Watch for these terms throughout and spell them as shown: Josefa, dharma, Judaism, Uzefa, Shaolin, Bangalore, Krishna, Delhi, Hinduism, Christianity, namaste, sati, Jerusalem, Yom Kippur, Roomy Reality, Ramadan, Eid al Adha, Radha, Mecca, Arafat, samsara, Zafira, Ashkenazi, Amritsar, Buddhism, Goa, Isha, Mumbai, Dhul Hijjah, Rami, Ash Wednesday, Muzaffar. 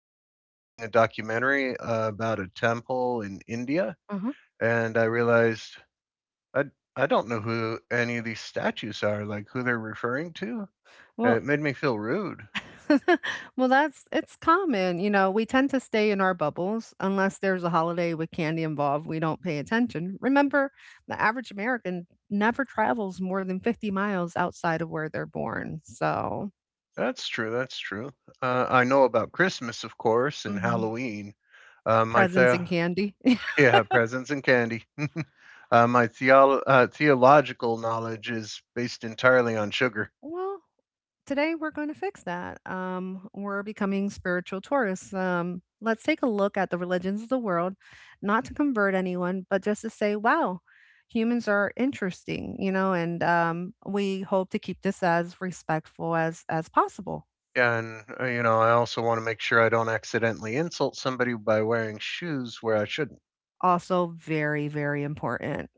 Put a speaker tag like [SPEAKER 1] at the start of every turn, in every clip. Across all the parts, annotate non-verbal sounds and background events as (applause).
[SPEAKER 1] I was watching a documentary about a temple in India,
[SPEAKER 2] Uh-huh.
[SPEAKER 1] and I realized I I don't know who any of these statues are, like who they're referring to.
[SPEAKER 2] Well,
[SPEAKER 1] It made me feel rude.
[SPEAKER 2] (laughs) well, that's it's common. You know, we tend to stay in our bubbles unless there's a holiday with candy involved. We don't pay attention. Remember, the average American never travels more than 50 miles outside of where they're born. So,
[SPEAKER 1] That's true. That's true. I know about Christmas, of course, and
[SPEAKER 2] mhm,
[SPEAKER 1] Halloween. Uh, my
[SPEAKER 2] presents and
[SPEAKER 1] the-
[SPEAKER 2] candy.
[SPEAKER 1] (laughs) yeah, presents and candy. (laughs) My theological knowledge is based entirely on sugar.
[SPEAKER 2] (laughs) Well, today, we're going to fix that. We're becoming spiritual tourists. Let's take a look at the religions of the world, not to convert anyone, but just to say, wow, humans are interesting, you know, and we hope to keep this as respectful as possible.
[SPEAKER 1] Yeah, and I also want to make sure I don't accidentally insult somebody by wearing shoes where I shouldn't.
[SPEAKER 2] Also, very, very important.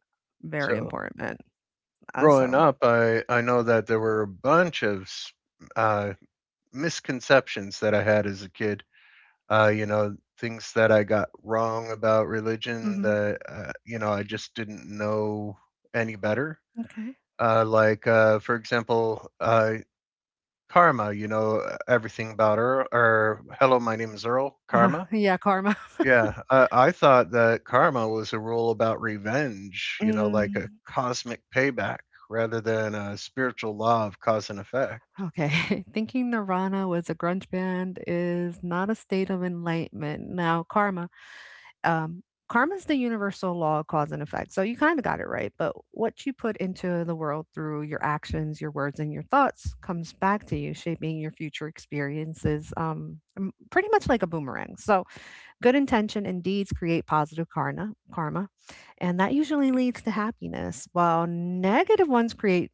[SPEAKER 2] Very
[SPEAKER 1] So,
[SPEAKER 2] important.
[SPEAKER 1] growing
[SPEAKER 2] Also,
[SPEAKER 1] up, I know that there were a bunch of uh, misconceptions that I had as a kid. Things that I got wrong about religion
[SPEAKER 2] hmm
[SPEAKER 1] that I just didn't know any better.
[SPEAKER 2] okay.
[SPEAKER 1] Like, for example, karma. You know everything about her. Or hello, my name is Earl.
[SPEAKER 2] (laughs) Uh,
[SPEAKER 1] Karma.
[SPEAKER 2] yeah, karma. (laughs)
[SPEAKER 1] Yeah, I thought that karma was a rule about revenge, you know, like a
[SPEAKER 2] Mm.
[SPEAKER 1] cosmic payback rather than a spiritual law of cause and effect.
[SPEAKER 2] Okay. (laughs) Thinking Nirvana was a grunge band is not a state of enlightenment. Now, um, karma is the universal law of cause and effect. So you kind of got it right. But what you put into the world through your actions, your words, and your thoughts comes back to you, shaping your future experiences pretty much like a boomerang. So good intention and deeds create karma, and that usually leads to happiness, while negative ones create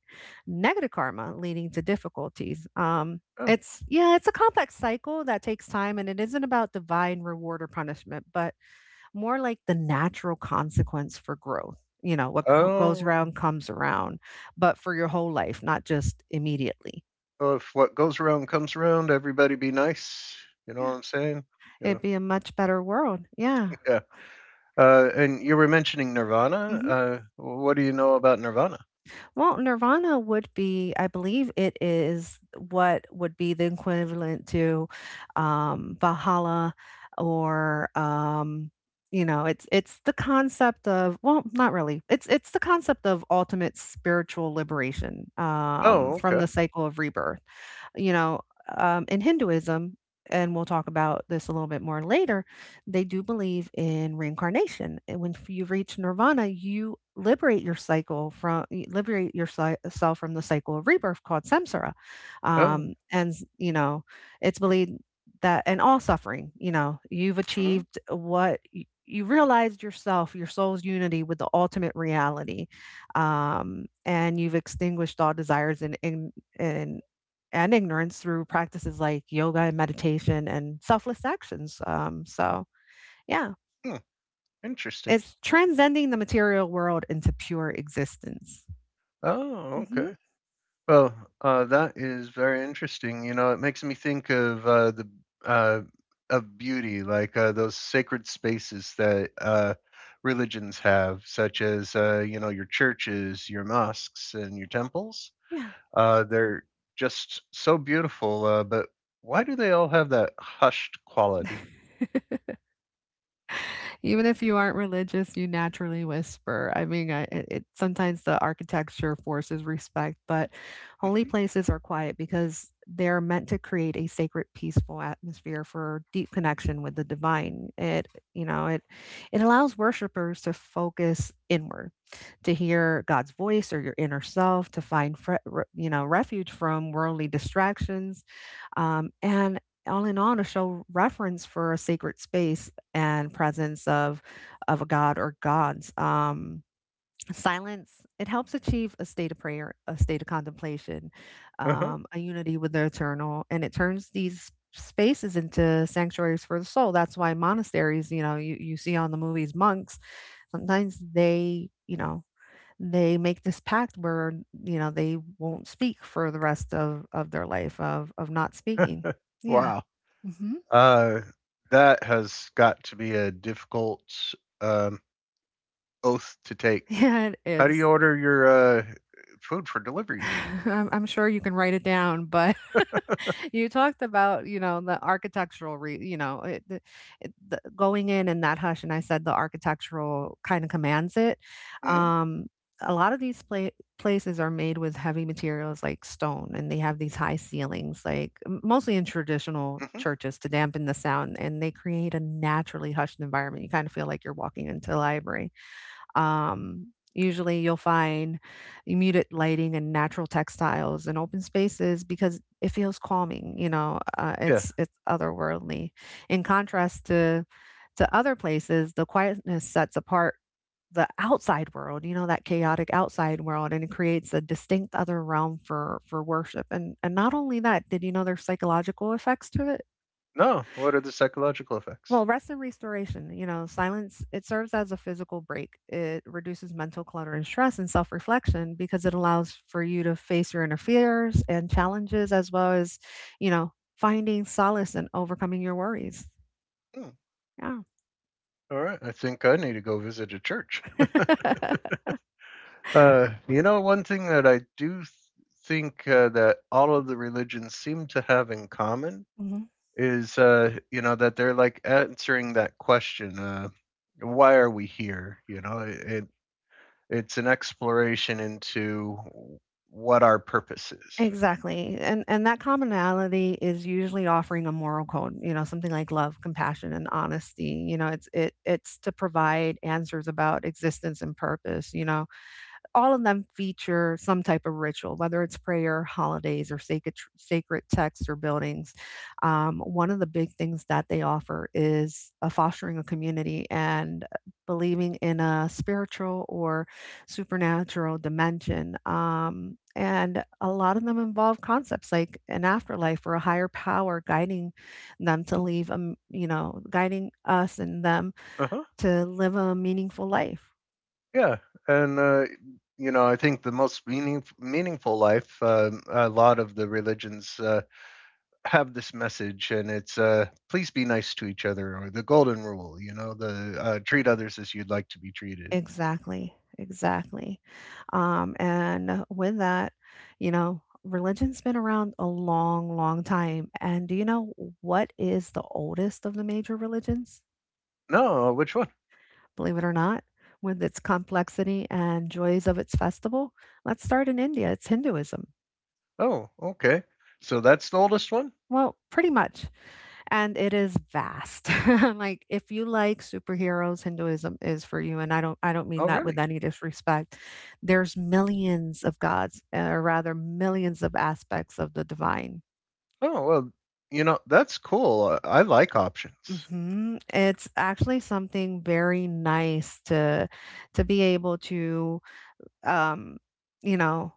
[SPEAKER 2] negative karma, leading to difficulties.
[SPEAKER 1] Oh,
[SPEAKER 2] It's yeah, it's a complex cycle that takes time, and it isn't about divine reward or punishment, but more like the natural consequence for growth. You know, what goes
[SPEAKER 1] oh,
[SPEAKER 2] around comes around, but for your whole life, not just immediately.
[SPEAKER 1] so if what goes around comes around, everybody be nice. You know what
[SPEAKER 2] Yeah,
[SPEAKER 1] I'm saying? You know,
[SPEAKER 2] it'd be a much better world. Yeah.
[SPEAKER 1] (laughs) yeah. And you were mentioning Nirvana.
[SPEAKER 2] Mhm.
[SPEAKER 1] What do you know about Nirvana?
[SPEAKER 2] Well, Nirvana would be, I believe it is what would be the equivalent to Valhalla or you know, it's the concept of well, not really. It's the concept of ultimate spiritual liberation
[SPEAKER 1] Oh,
[SPEAKER 2] from
[SPEAKER 1] okay.
[SPEAKER 2] the cycle of rebirth. You know, in Hinduism, and we'll talk about this a little bit more later, they do believe in reincarnation. And when you reach nirvana, you liberate your cycle from you liberate yourself from the cycle of rebirth called samsara.
[SPEAKER 1] Oh.
[SPEAKER 2] And you know, it's believed that and all suffering, you know, you've
[SPEAKER 1] Mhm.
[SPEAKER 2] achieved what you realized yourself, your soul's unity with the ultimate reality and you've extinguished all desires and ignorance through practices like yoga and meditation and selfless actions. Yeah,
[SPEAKER 1] hmm, Interesting.
[SPEAKER 2] it's transcending the material world into pure existence.
[SPEAKER 1] Oh,
[SPEAKER 2] Hmm.
[SPEAKER 1] okay. Well, that is very interesting. You know, it makes me think of the uh, of beauty, like those sacred spaces that religions have, such as your churches, your mosques, and your temples.
[SPEAKER 2] Yeah.
[SPEAKER 1] They're just so beautiful. But why do they all have that hushed quality?
[SPEAKER 2] (laughs) Even if you aren't religious, you naturally whisper. I mean, it sometimes the architecture forces respect, but holy
[SPEAKER 1] Mhm.
[SPEAKER 2] places are quiet because they're meant to create a sacred, peaceful atmosphere for deep connection with the divine. You know, it allows worshipers to focus inward, to hear God's voice or your inner self, to find you know refuge from worldly distractions, and all in all, to show reference for a sacred space and presence of a god or gods. Silence it helps achieve a state of prayer, a state of contemplation,
[SPEAKER 1] Uh-huh.
[SPEAKER 2] a unity with the eternal, and it turns these spaces into sanctuaries for the soul. That's why monasteries, you know, you see on the movies monks. Sometimes they, you know. They make this pact where you know they won't speak for the rest of their life of not speaking. Yeah.
[SPEAKER 1] Wow.
[SPEAKER 2] Hmm.
[SPEAKER 1] Uh, that has got to be a difficult um, oath to
[SPEAKER 2] (laughs)
[SPEAKER 1] take.
[SPEAKER 2] Yeah, it
[SPEAKER 1] How do you
[SPEAKER 2] is.
[SPEAKER 1] order your uh, food for delivery?
[SPEAKER 2] (laughs) I'm sure you can write it down, but (laughs) you talked about, you know, the architectural re you know, it, the going in and that hush, and I said the architectural kind of commands it.
[SPEAKER 1] Hmm.
[SPEAKER 2] Um, a lot of these places are made with heavy materials like stone, and they have these high ceilings, like mostly in traditional
[SPEAKER 1] Hmm.
[SPEAKER 2] churches to dampen the sound, and they create a naturally hushed environment. You kind of feel like you're walking into a library. Usually you'll find muted lighting and natural textiles and open spaces because it feels calming, you know,
[SPEAKER 1] Yeah.
[SPEAKER 2] it's otherworldly. In contrast to other places, the quietness sets apart the outside world, you know, that chaotic outside world, and it creates a distinct other realm for worship. And not only that, did you know there's psychological effects to it?
[SPEAKER 1] No. What are the psychological
[SPEAKER 2] Well,
[SPEAKER 1] effects?
[SPEAKER 2] rest and restoration, you know, silence, it serves as a physical break. It reduces mental clutter and stress and self reflection because it allows for you to face your inner fears and challenges, as well as, you know, finding solace and overcoming your worries.
[SPEAKER 1] Hmm.
[SPEAKER 2] Yeah.
[SPEAKER 1] All right. I think I need to go visit a church.
[SPEAKER 2] (laughs)
[SPEAKER 1] One thing that I do think that all of the religions seem to have in common
[SPEAKER 2] Hmm.
[SPEAKER 1] is, that they're like answering that question, why are we here? You know, it's an exploration into what our purpose is.
[SPEAKER 2] Exactly. And that commonality is usually offering a moral code, you know, something like love, compassion, and honesty. You know, it's to provide answers about existence and purpose, you know all of them feature some type of ritual, whether it's prayer, holidays, or sacred texts or buildings. One of the big things that they offer is fostering a community and believing in a spiritual or supernatural dimension. And a lot of them involve concepts like an afterlife or a higher power guiding them to leave, you know, guiding us and them
[SPEAKER 1] Uh-huh.
[SPEAKER 2] to live a meaningful life.
[SPEAKER 1] Yeah, and I think the most meaningful life. A lot of the religions have this message, and it's please be nice to each other, or the golden rule. You know, the treat others as you'd like to be treated.
[SPEAKER 2] Exactly, exactly. And with that, you know, religion's been around a long, long time. And do you know what is the oldest of the major religions?
[SPEAKER 1] No, which one?
[SPEAKER 2] Believe it or not, with its complexity and joys of its festival, let's start in India. It's Hinduism.
[SPEAKER 1] Oh, okay. So that's the oldest one.
[SPEAKER 2] Well, pretty much. And it is vast. (laughs) Like if you like superheroes, Hinduism is for you. And I don't
[SPEAKER 1] Oh,
[SPEAKER 2] mean that with
[SPEAKER 1] really?
[SPEAKER 2] any disrespect. There's millions of gods, or rather millions of aspects of the divine.
[SPEAKER 1] Oh, well, that's cool. I like options.
[SPEAKER 2] Hmm. It's actually something very nice to be able to um, you know,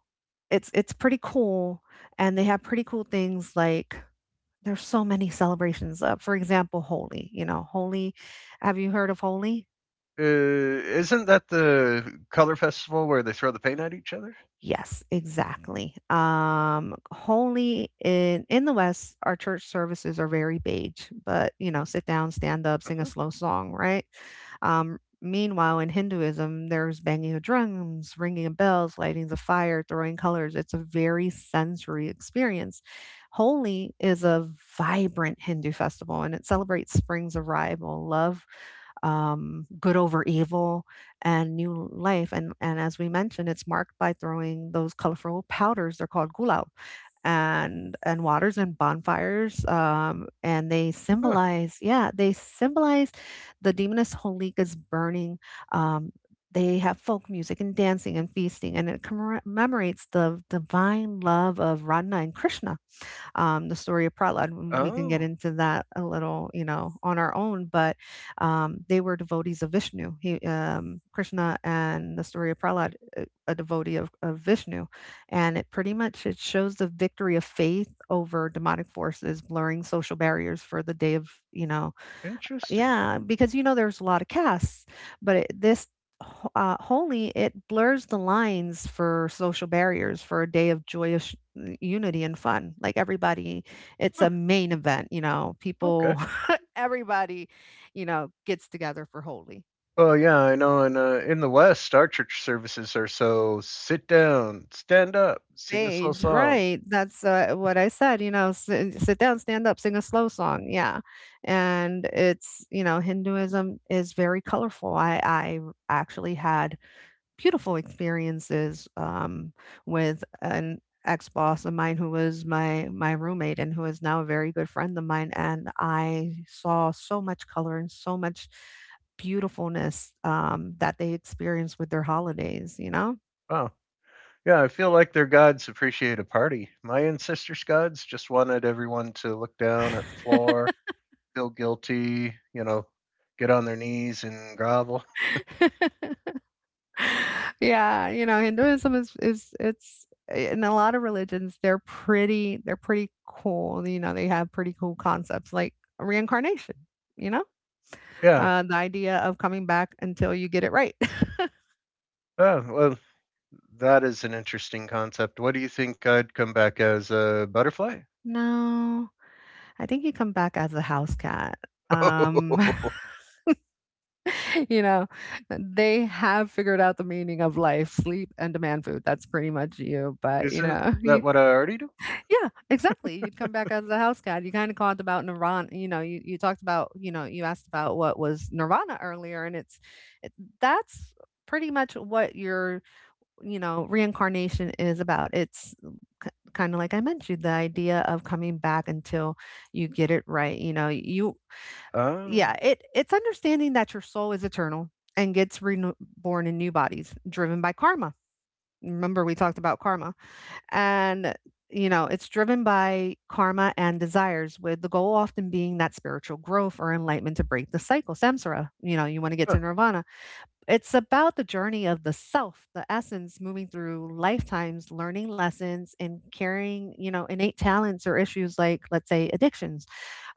[SPEAKER 2] it's pretty cool and they have pretty cool things like there's so many celebrations of, for example, Holi. You know, Holi. Have you heard of Holi?
[SPEAKER 1] Isn't that the color festival where they throw the paint at each other?
[SPEAKER 2] Yes, exactly. Holi in the West, our church services are very beige, but you know, sit down, stand up, sing a
[SPEAKER 1] Uh-huh.
[SPEAKER 2] slow song, right? Meanwhile, in Hinduism, there's banging of drums, ringing of bells, lighting the fire, throwing colors. It's a very sensory experience. Holi is a vibrant Hindu festival and it celebrates spring's arrival, love, good over evil and new life. And as we mentioned, it's marked by throwing those colorful powders. They're called gulab and waters and bonfires and they
[SPEAKER 1] Huh.
[SPEAKER 2] symbolize yeah they symbolize the demoness holika's burning um they have folk music and dancing and feasting and it commemorates the divine love of radha and krishna the story of Prahlad. We can get
[SPEAKER 1] Oh,
[SPEAKER 2] into that a little, you know, on our own, but they were devotees of Vishnu. He, Krishna and the story of Prahlad, a devotee of Vishnu. And it pretty much, it shows the victory of faith over demonic forces, blurring social barriers for the day of, you know,
[SPEAKER 1] interesting.
[SPEAKER 2] yeah, because you know there's a lot of casts, but this holy it blurs the lines for social barriers for a day of joyous unity and fun. Like everybody, it's
[SPEAKER 1] Huh.
[SPEAKER 2] a main event. You know,
[SPEAKER 1] Okay.
[SPEAKER 2] people, (laughs) everybody, you know, gets together for holy.
[SPEAKER 1] Well, yeah, I know. In the West, our church services are so sit down, stand up, sing a slow
[SPEAKER 2] Stage,
[SPEAKER 1] song.
[SPEAKER 2] right? That's what I said. You know, sit down, stand up, sing a slow song. Yeah, and it's you know Hinduism is very colorful. I actually had beautiful experiences with an ex-boss of mine who was my roommate and who is now a very good friend of mine and I saw so much color and so much beautifulness that they experience with their holidays you know
[SPEAKER 1] Wow. Yeah, I feel like their gods appreciate a party. My ancestors' gods just wanted everyone to look down at the floor, feel guilty, get on their knees and grovel.
[SPEAKER 2] (laughs) yeah you know hinduism is it's in a lot of religions they're pretty cool you know they have pretty cool concepts like reincarnation you know
[SPEAKER 1] Yeah.
[SPEAKER 2] the idea of coming back until you get it right (laughs)
[SPEAKER 1] Oh, well, that is an interesting concept. What do you think I'd come back as? A butterfly?
[SPEAKER 2] No, I think you come back as a house cat. Um,
[SPEAKER 1] (laughs)
[SPEAKER 2] (laughs) you know, they have figured out the meaning of life, sleep, and demand food. That's pretty much you. But you
[SPEAKER 1] Isn't
[SPEAKER 2] know, (laughs) you,
[SPEAKER 1] that what I already do?
[SPEAKER 2] yeah, exactly. You'd come back as a house cat. You kind of talked about Nirvana. You know, you talked about you know you asked about what was Nirvana earlier, and it, that's pretty much what you're you know, reincarnation is about. It's kind of like I mentioned, the idea of coming back until you get it right. You know, you,
[SPEAKER 1] Oh,
[SPEAKER 2] yeah,
[SPEAKER 1] yeah.
[SPEAKER 2] it it's understanding that your soul is eternal and gets reborn in new bodies, driven by karma. Remember, we talked about karma, and you know, it's driven by karma and desires, with the goal often being that spiritual growth or enlightenment to break the cycle, samsara. You know, you want to get to
[SPEAKER 1] Huh.
[SPEAKER 2] nirvana. It's about the journey of the self, the essence moving through lifetimes, learning lessons and carrying, you know, innate talents or issues like, let's say, addictions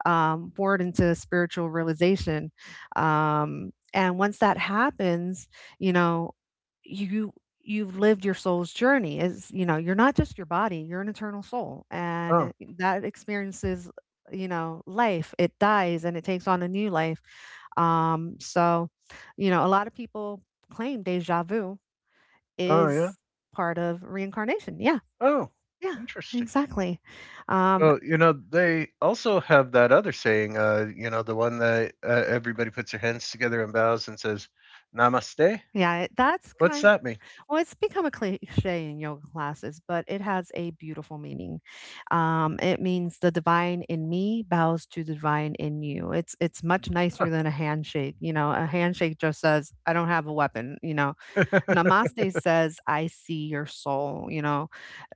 [SPEAKER 2] um, forward into spiritual realization. And once that happens, you know, you you've lived your soul's journey. Is you know, you're not just your body; you're an eternal soul,
[SPEAKER 1] oh,
[SPEAKER 2] and that experiences, you know, life. It dies and it takes on a new life. Um, so, you know, a lot of people claim deja vu
[SPEAKER 1] oh, yeah.
[SPEAKER 2] is part of reincarnation. Yeah,
[SPEAKER 1] Oh,
[SPEAKER 2] yeah,
[SPEAKER 1] interesting.
[SPEAKER 2] exactly. Um,
[SPEAKER 1] Well, you know, they also have that other saying, the one that everybody puts their hands together and bows and says, Namaste.
[SPEAKER 2] yeah, that's
[SPEAKER 1] What's
[SPEAKER 2] kind—
[SPEAKER 1] that mean?
[SPEAKER 2] well, it's become a cliche in yoga classes, but it has a beautiful meaning. It means the divine in me bows to the divine in you. It's much
[SPEAKER 1] Huh.
[SPEAKER 2] nicer than a handshake. You know, a handshake just says, "I don't have a weapon." You know,
[SPEAKER 1] (laughs)
[SPEAKER 2] namaste says, "I see your soul." You know,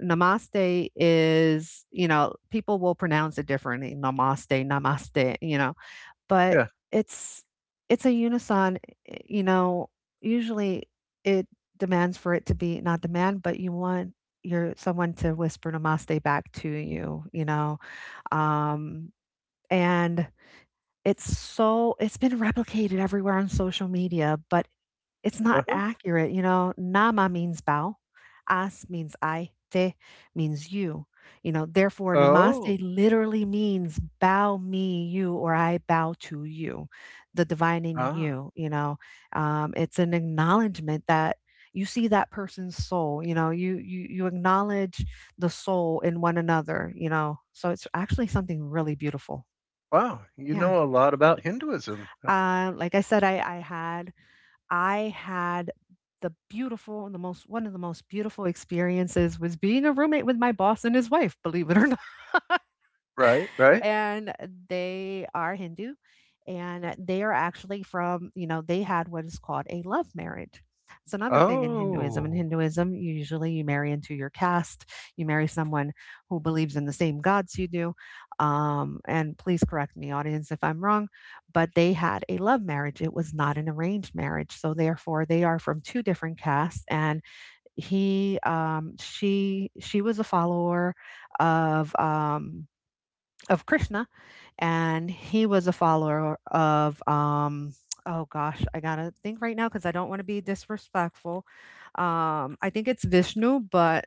[SPEAKER 2] namaste is you know people will pronounce it differently. Namaste, namaste. You know, but
[SPEAKER 1] yeah.
[SPEAKER 2] it's it's a unison, you know, usually it demands for it to be— not demand, but you want your someone to whisper namaste back to you, you know? Um, and it's so it's been replicated everywhere on social media, but it's not
[SPEAKER 1] Uh-huh.
[SPEAKER 2] accurate, you know, nama means bow, as means I, te means you. You know, therefore, namaste
[SPEAKER 1] Oh,
[SPEAKER 2] literally means bow me, you, or I bow to you, the divine in
[SPEAKER 1] ah,
[SPEAKER 2] you. You know, it's an acknowledgement that you see that person's soul. You know, you acknowledge the soul in one another. You know, so it's actually something really beautiful.
[SPEAKER 1] wow. You
[SPEAKER 2] Yeah.
[SPEAKER 1] know a lot about Hinduism,
[SPEAKER 2] Like I said, I had the beautiful, the most— one of the most beautiful experiences was being a roommate with my boss and his wife, believe it or (laughs)
[SPEAKER 1] right? Right?
[SPEAKER 2] and they are Hindu and they are actually from, you know, they had what is called a love marriage. It's another thing in Hinduism. In
[SPEAKER 1] Oh,
[SPEAKER 2] Hinduism, you usually you marry into your caste. You marry someone who believes in the same gods you do. And please correct me, audience, if I'm wrong. But they had a love marriage. It was not an arranged marriage. So therefore, they are from two different castes. And she was a follower of um, of Krishna, and he was a follower of oh gosh, I gotta think right now because I don't want to be disrespectful. I think it's Vishnu, but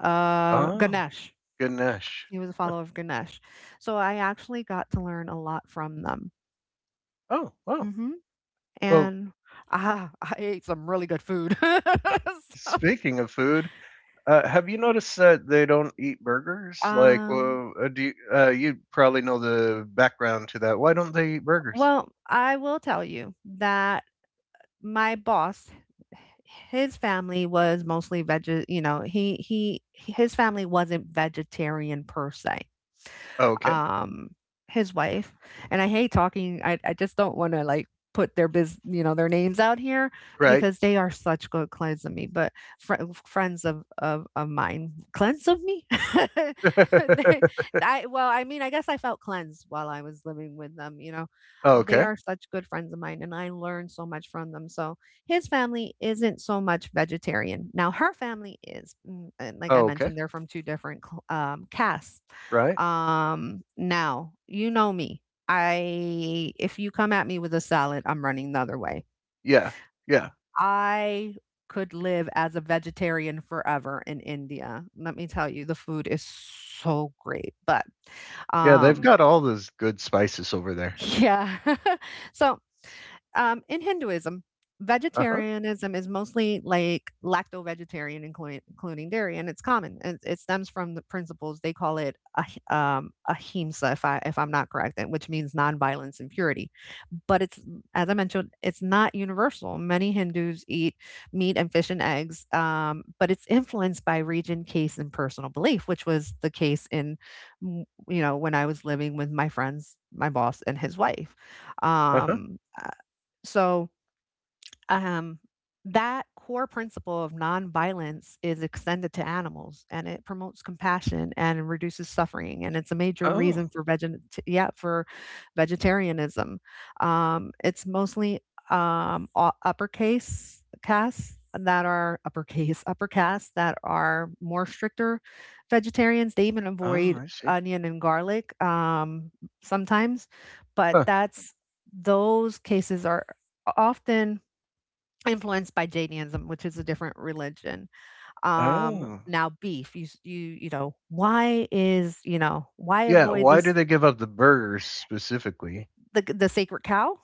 [SPEAKER 1] oh.
[SPEAKER 2] Ganesh.
[SPEAKER 1] Ganesh.
[SPEAKER 2] He was a follower of Ganesh. So I actually got to learn a lot from them.
[SPEAKER 1] Oh, wow.
[SPEAKER 2] hmm
[SPEAKER 1] Well,
[SPEAKER 2] And I ate some really good food. (laughs) So,
[SPEAKER 1] speaking of food, have you noticed that they don't eat burgers? Like,
[SPEAKER 2] um,
[SPEAKER 1] well, you probably know the background to that. Why don't they eat burgers?
[SPEAKER 2] well, I will tell you that my boss his family was mostly veg you know, he his family wasn't vegetarian per se.
[SPEAKER 1] Okay,
[SPEAKER 2] Um, his wife and I hate talking I just don't wanna, like, put their biz. You know, their names out here. Right.
[SPEAKER 1] right.
[SPEAKER 2] Because they are such good clients of me, but frie friends of of mine. Clients of me? (laughs) They—
[SPEAKER 1] (laughs)
[SPEAKER 2] I well, I mean, I guess I felt cleansed while I was living with them, you know? They
[SPEAKER 1] okay,
[SPEAKER 2] are such good friends of mine, and I learned so much from them. So his family isn't so much vegetarian. Now her family is, mm, and like I
[SPEAKER 1] okay,
[SPEAKER 2] mentioned, they're from two different casts.
[SPEAKER 1] right.
[SPEAKER 2] Now you know me. I— if you come at me with a salad, I'm running the other way.
[SPEAKER 1] Yeah, yeah,
[SPEAKER 2] I could live as a vegetarian forever in India. Let me tell you, the food is so great. But
[SPEAKER 1] yeah. They've
[SPEAKER 2] um,
[SPEAKER 1] got all those good spices over there.
[SPEAKER 2] Yeah. (laughs) So, in Hinduism,
[SPEAKER 1] Uh huh.
[SPEAKER 2] vegetarianism is mostly like lacto vegetarian, including dairy, and it's common. And it stems from the principles— they call it ahimsa, if I if I'm not correct, and which means nonviolence and purity. But it's as I mentioned, it's not universal. Many Hindus eat meat and fish and eggs, but it's influenced by region, case, and personal belief, which was the case in you know, when I was living with my friends, my boss and his wife.
[SPEAKER 1] Uh huh.
[SPEAKER 2] Um, uh, so um, that core principle of nonviolence is extended to animals and it promotes compassion and reduces suffering and it's a major
[SPEAKER 1] Oh,
[SPEAKER 2] reason for yeah for vegetarianism. It's mostly uppercase casts that are uppercase (laughs) upper castes that are more stricter vegetarians. They even
[SPEAKER 1] oh,
[SPEAKER 2] avoid
[SPEAKER 1] I see.
[SPEAKER 2] onion and garlic sometimes, but
[SPEAKER 1] Huh.
[SPEAKER 2] that's those cases are often influenced by Jainism, which is a different religion. Um,
[SPEAKER 1] Oh,
[SPEAKER 2] now beef, you you know, why is, you know, why
[SPEAKER 1] yeah.
[SPEAKER 2] avoid
[SPEAKER 1] Why
[SPEAKER 2] this—
[SPEAKER 1] do they give up the burgers specifically?
[SPEAKER 2] the sacred cow?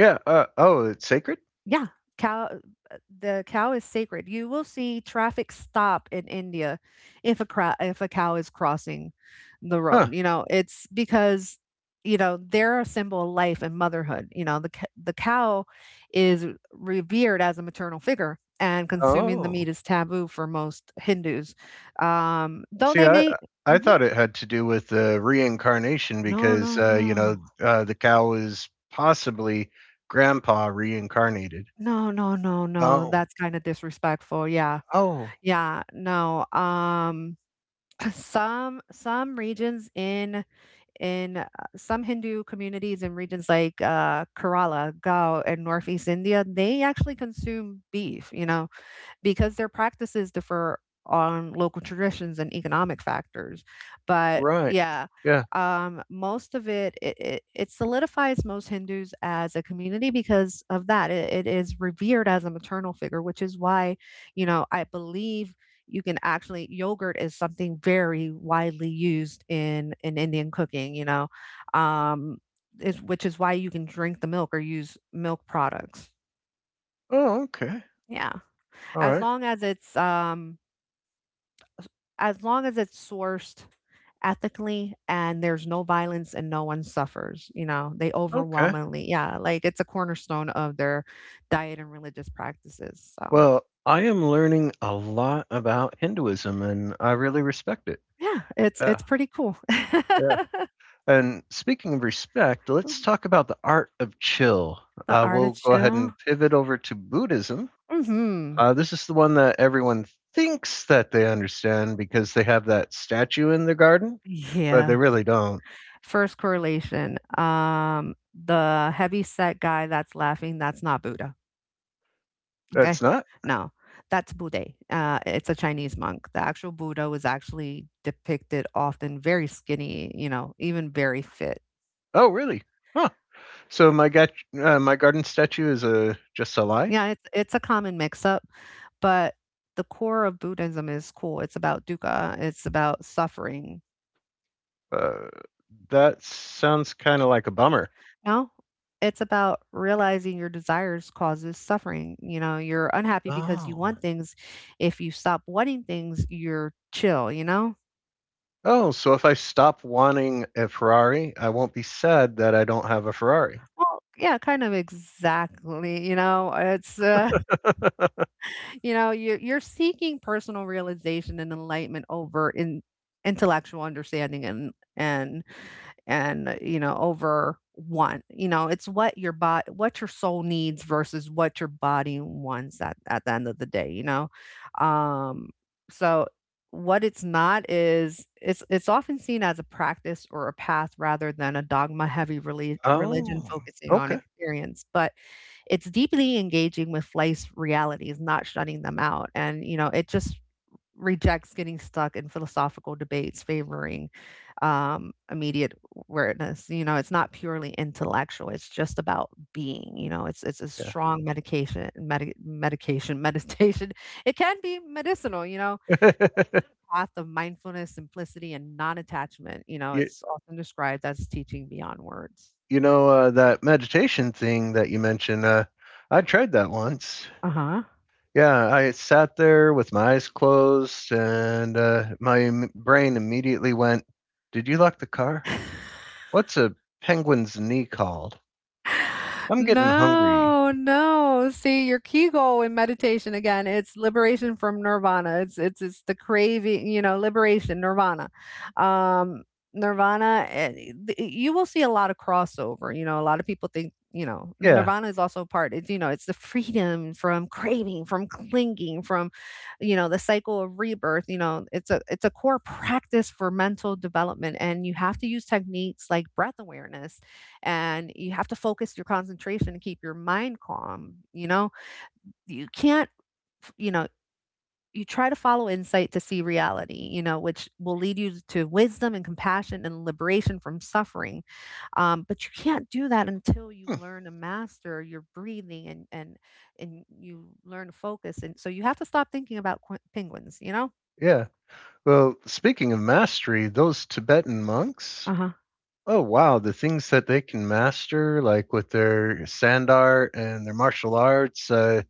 [SPEAKER 1] Yeah. Oh, it's sacred.
[SPEAKER 2] Yeah, cow the cow is sacred. You will see traffic stop in India if if a cow is crossing the
[SPEAKER 1] Huh.
[SPEAKER 2] road. You know, it's because you know they're a symbol of life and motherhood. You know, the cow is revered as a maternal figure, and consuming the
[SPEAKER 1] Oh.
[SPEAKER 2] meat is taboo for most Hindus. Though
[SPEAKER 1] See,
[SPEAKER 2] they
[SPEAKER 1] I
[SPEAKER 2] may—
[SPEAKER 1] I
[SPEAKER 2] Mhm.
[SPEAKER 1] thought it had to do with the reincarnation
[SPEAKER 2] No,
[SPEAKER 1] because
[SPEAKER 2] no, no.
[SPEAKER 1] the cow is possibly grandpa reincarnated.
[SPEAKER 2] No, no, no, no.
[SPEAKER 1] Oh,
[SPEAKER 2] That's kind of disrespectful. Yeah.
[SPEAKER 1] oh,
[SPEAKER 2] Yeah. No. (clears throat) Some regions in in, uh, some Hindu communities in regions like, Kerala, Goa, and Northeast India, they actually consume beef, you know, because their practices differ on local traditions and economic factors. But
[SPEAKER 1] right,
[SPEAKER 2] yeah,
[SPEAKER 1] yeah.
[SPEAKER 2] most of it, it solidifies most Hindus as a community because of that. It is revered as a maternal figure, which is why, you know, I believe you can actually— yogurt is something very widely used in Indian cooking. You know, um, is which is why you can drink the milk or use milk products.
[SPEAKER 1] Oh, okay,
[SPEAKER 2] Yeah,
[SPEAKER 1] all
[SPEAKER 2] as
[SPEAKER 1] right,
[SPEAKER 2] long as it's as long as it's sourced ethically and there's no violence and no one suffers, you know, they
[SPEAKER 1] okay.
[SPEAKER 2] overwhelmingly yeah, like, it's a cornerstone of their diet and religious practices, so,
[SPEAKER 1] Well, I am learning a lot about Hinduism, and I really respect it.
[SPEAKER 2] yeah, it's
[SPEAKER 1] Yeah,
[SPEAKER 2] pretty cool.
[SPEAKER 1] yeah.
[SPEAKER 2] (laughs)
[SPEAKER 1] And speaking of respect, let's talk about the art of chill.
[SPEAKER 2] The
[SPEAKER 1] We'll go ahead and
[SPEAKER 2] artichoke.
[SPEAKER 1] pivot over to Buddhism.
[SPEAKER 2] Mhm.
[SPEAKER 1] This is the one that everyone thinks that they understand because they have that statue in their garden, but they
[SPEAKER 2] Yeah.
[SPEAKER 1] really don't.
[SPEAKER 2] First correlation, the heavy set guy that's laughing, that's not Buddha.
[SPEAKER 1] That's
[SPEAKER 2] Okay.
[SPEAKER 1] not.
[SPEAKER 2] No, that's Budde. It's a Chinese monk. The actual Buddha was actually depicted often very skinny, you know, even very fit.
[SPEAKER 1] Oh, really? Huh. So my garden statue is a just a lie.
[SPEAKER 2] Yeah, it's a common mix-up, but the core of Buddhism is cool. It's about dukkha. It's about suffering.
[SPEAKER 1] Uh, that sounds kind of like a bummer.
[SPEAKER 2] No, it's about realizing your desires causes suffering. You know, you're unhappy because you
[SPEAKER 1] Oh.
[SPEAKER 2] want things. If you stop wanting things, you're chill. You know.
[SPEAKER 1] Oh, so if I stop wanting a Ferrari, I won't be sad that I don't have a Ferrari.
[SPEAKER 2] Well, yeah, kind of exactly. You know, you're seeking personal realization and enlightenment over in intellectual understanding and you know over want you know it's what your body— what your soul needs versus what your body wants at the end of the day you know um so what it's not is— it's often seen as a practice or a path rather than a dogma heavy religion
[SPEAKER 1] Oh.
[SPEAKER 2] focusing on
[SPEAKER 1] Okay.
[SPEAKER 2] experience but it's deeply engaging with life's realities, not shutting them out. And, you know, it just rejects getting stuck in philosophical debates favoring immediate awareness. You know, it's not purely intellectual. It's just about being, you know, it's a
[SPEAKER 1] Yeah.
[SPEAKER 2] strong medication, (laughs) meditation. It can be medicinal, you know, path of mindfulness, simplicity, and non-attachment. You know,
[SPEAKER 1] (laughs) Yeah,
[SPEAKER 2] it's often described as teaching beyond words.
[SPEAKER 1] that meditation thing that you mentioned, I tried that once.
[SPEAKER 2] Uh-huh.
[SPEAKER 1] Yeah, I sat there with my eyes closed, and my brain immediately went, did you lock the car? What's a penguin's knee called? I'm getting hungry.
[SPEAKER 2] No, no. See, your key goal in meditation again, it's liberation from nirvana. It's it's the craving, you know, liberation, nirvana. Um nirvana you will see a lot of crossover. You know, a lot of people think, you know,
[SPEAKER 1] Yeah.
[SPEAKER 2] nirvana is also part— it's you know, it's the freedom from craving, from clinging, from you know, the cycle of rebirth. You know, it's a core practice for mental development and you have to use techniques like breath awareness, and you have to focus your concentration and keep your mind calm, you know. You can't— you know, you try to follow insight to see reality, you know, which will lead you to wisdom and compassion and liberation from suffering. But you can't do that until you
[SPEAKER 1] hmm,
[SPEAKER 2] learn to master your breathing and you learn to focus, and so you have to stop thinking about penguins, you know.
[SPEAKER 1] yeah. Well, speaking of mastery, those Tibetan monks,
[SPEAKER 2] Uh-huh.
[SPEAKER 1] oh wow, the things that they can master, like with their sand art and their martial arts.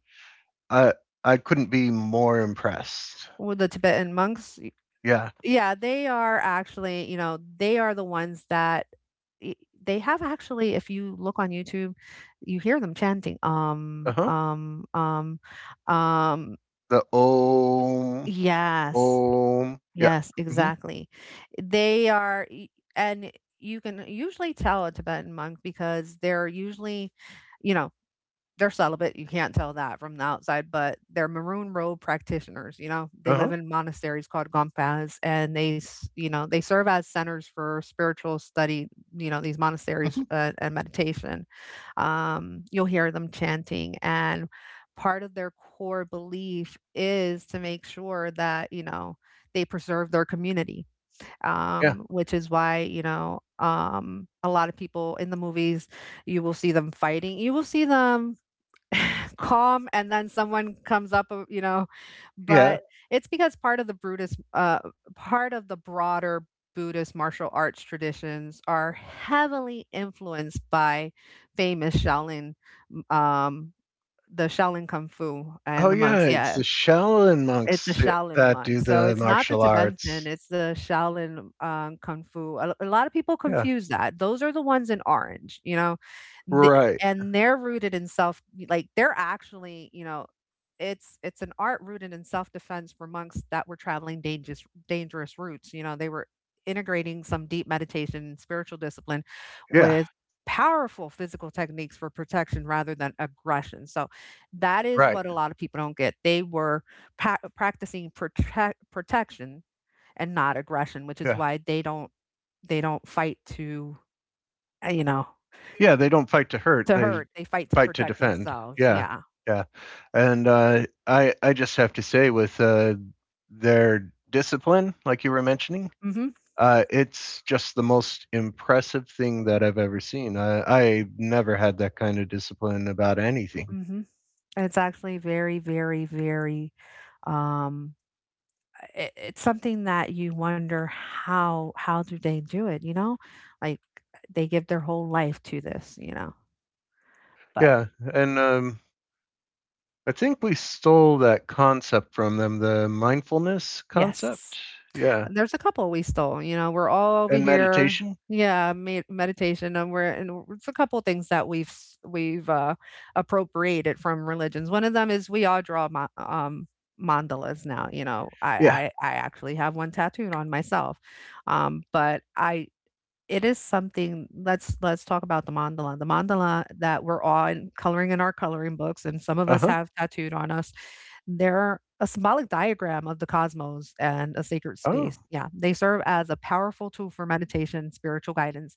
[SPEAKER 1] i I couldn't be more impressed.
[SPEAKER 2] With the Tibetan monks.
[SPEAKER 1] Yeah.
[SPEAKER 2] Yeah, they are actually, you know, they are the ones that I they have actually, if you look on YouTube, you hear them chanting,
[SPEAKER 1] Uh-huh.
[SPEAKER 2] um
[SPEAKER 1] The om
[SPEAKER 2] yes,
[SPEAKER 1] om. Yeah.
[SPEAKER 2] yes,
[SPEAKER 1] Mhm.
[SPEAKER 2] exactly. They are y and you can usually tell a Tibetan monk because they're usually, you know they're celibate, you can't tell that from the outside, but they're maroon robe practitioners, you know? They live
[SPEAKER 1] Uh-huh.
[SPEAKER 2] in monasteries called gompas, and they, s you know, they serve as centers for spiritual study, you know, these monasteries,
[SPEAKER 1] Mhm.
[SPEAKER 2] and meditation. You'll hear them chanting, and part of their core belief is to make sure that, you know, they preserve their community,
[SPEAKER 1] Yeah.
[SPEAKER 2] which is why, a lot of people in the movies, you will see them fighting. You will see them calm and then someone comes up you know
[SPEAKER 1] Yeah.
[SPEAKER 2] but it's because part of the buddhist part of the broader Buddhist martial arts traditions are heavily influenced by famous Shaolin, um the Shaolin Kung Fu
[SPEAKER 1] Oh
[SPEAKER 2] and the monks,
[SPEAKER 1] yeah, it's the
[SPEAKER 2] yeah,
[SPEAKER 1] Shaolin
[SPEAKER 2] it's the
[SPEAKER 1] monks, yeah,
[SPEAKER 2] Shaolin
[SPEAKER 1] that
[SPEAKER 2] monk.
[SPEAKER 1] do
[SPEAKER 2] So
[SPEAKER 1] the
[SPEAKER 2] it's not the
[SPEAKER 1] martial arts.
[SPEAKER 2] Tibetan, it's the Shaolin, Kung Fu. A lot of people
[SPEAKER 1] Yeah.
[SPEAKER 2] confuse that. Those are the ones in orange, you know? The
[SPEAKER 1] Right.
[SPEAKER 2] and they're rooted in self, like, they're actually, you know, it's an art rooted in self-defense for monks that were traveling dangerous routes, you know, they were integrating some deep meditation and spiritual discipline
[SPEAKER 1] Yeah.
[SPEAKER 2] with powerful physical techniques for protection rather than aggression. So that is
[SPEAKER 1] Right.
[SPEAKER 2] what a lot of people don't get. They were practicing protection and not aggression, which is
[SPEAKER 1] Yeah.
[SPEAKER 2] why they don't, they don't fight to uh, you know
[SPEAKER 1] Yeah, they don't fight to hurt,
[SPEAKER 2] to
[SPEAKER 1] they
[SPEAKER 2] hurt. They fight to
[SPEAKER 1] fight to
[SPEAKER 2] protect
[SPEAKER 1] defend.
[SPEAKER 2] themselves.
[SPEAKER 1] Yeah.
[SPEAKER 2] Yeah.
[SPEAKER 1] Yeah. And I just have to say with their discipline, like you were mentioning.
[SPEAKER 2] Mhm.
[SPEAKER 1] It's just the most impressive thing that I've ever seen. I never had that kind of discipline about anything.
[SPEAKER 2] Mhm. It's actually very, very, very, um it, it's something that you wonder how do they do it, you know? Like, they give their whole life to this, you know. But
[SPEAKER 1] Yeah, and I think we stole that concept from them, the mindfulness concept.
[SPEAKER 2] yes.
[SPEAKER 1] Yeah,
[SPEAKER 2] There's a couple we stole, you know, we're all over
[SPEAKER 1] and
[SPEAKER 2] here,
[SPEAKER 1] meditation.
[SPEAKER 2] yeah, meditation, and we're and it's a couple things that we've, appropriated from religions. One of them is we all draw ma mandalas now, you know, I
[SPEAKER 1] Yeah.
[SPEAKER 2] I I actually have one tattooed on myself, but I, it is something, let's talk about the mandala. The mandala that we're on coloring in our coloring books and some of
[SPEAKER 1] Uh
[SPEAKER 2] us
[SPEAKER 1] huh.
[SPEAKER 2] have tattooed on us. They're a symbolic diagram of the cosmos and a sacred
[SPEAKER 1] Oh.
[SPEAKER 2] space. Yeah, they serve as a powerful tool for meditation, spiritual guidance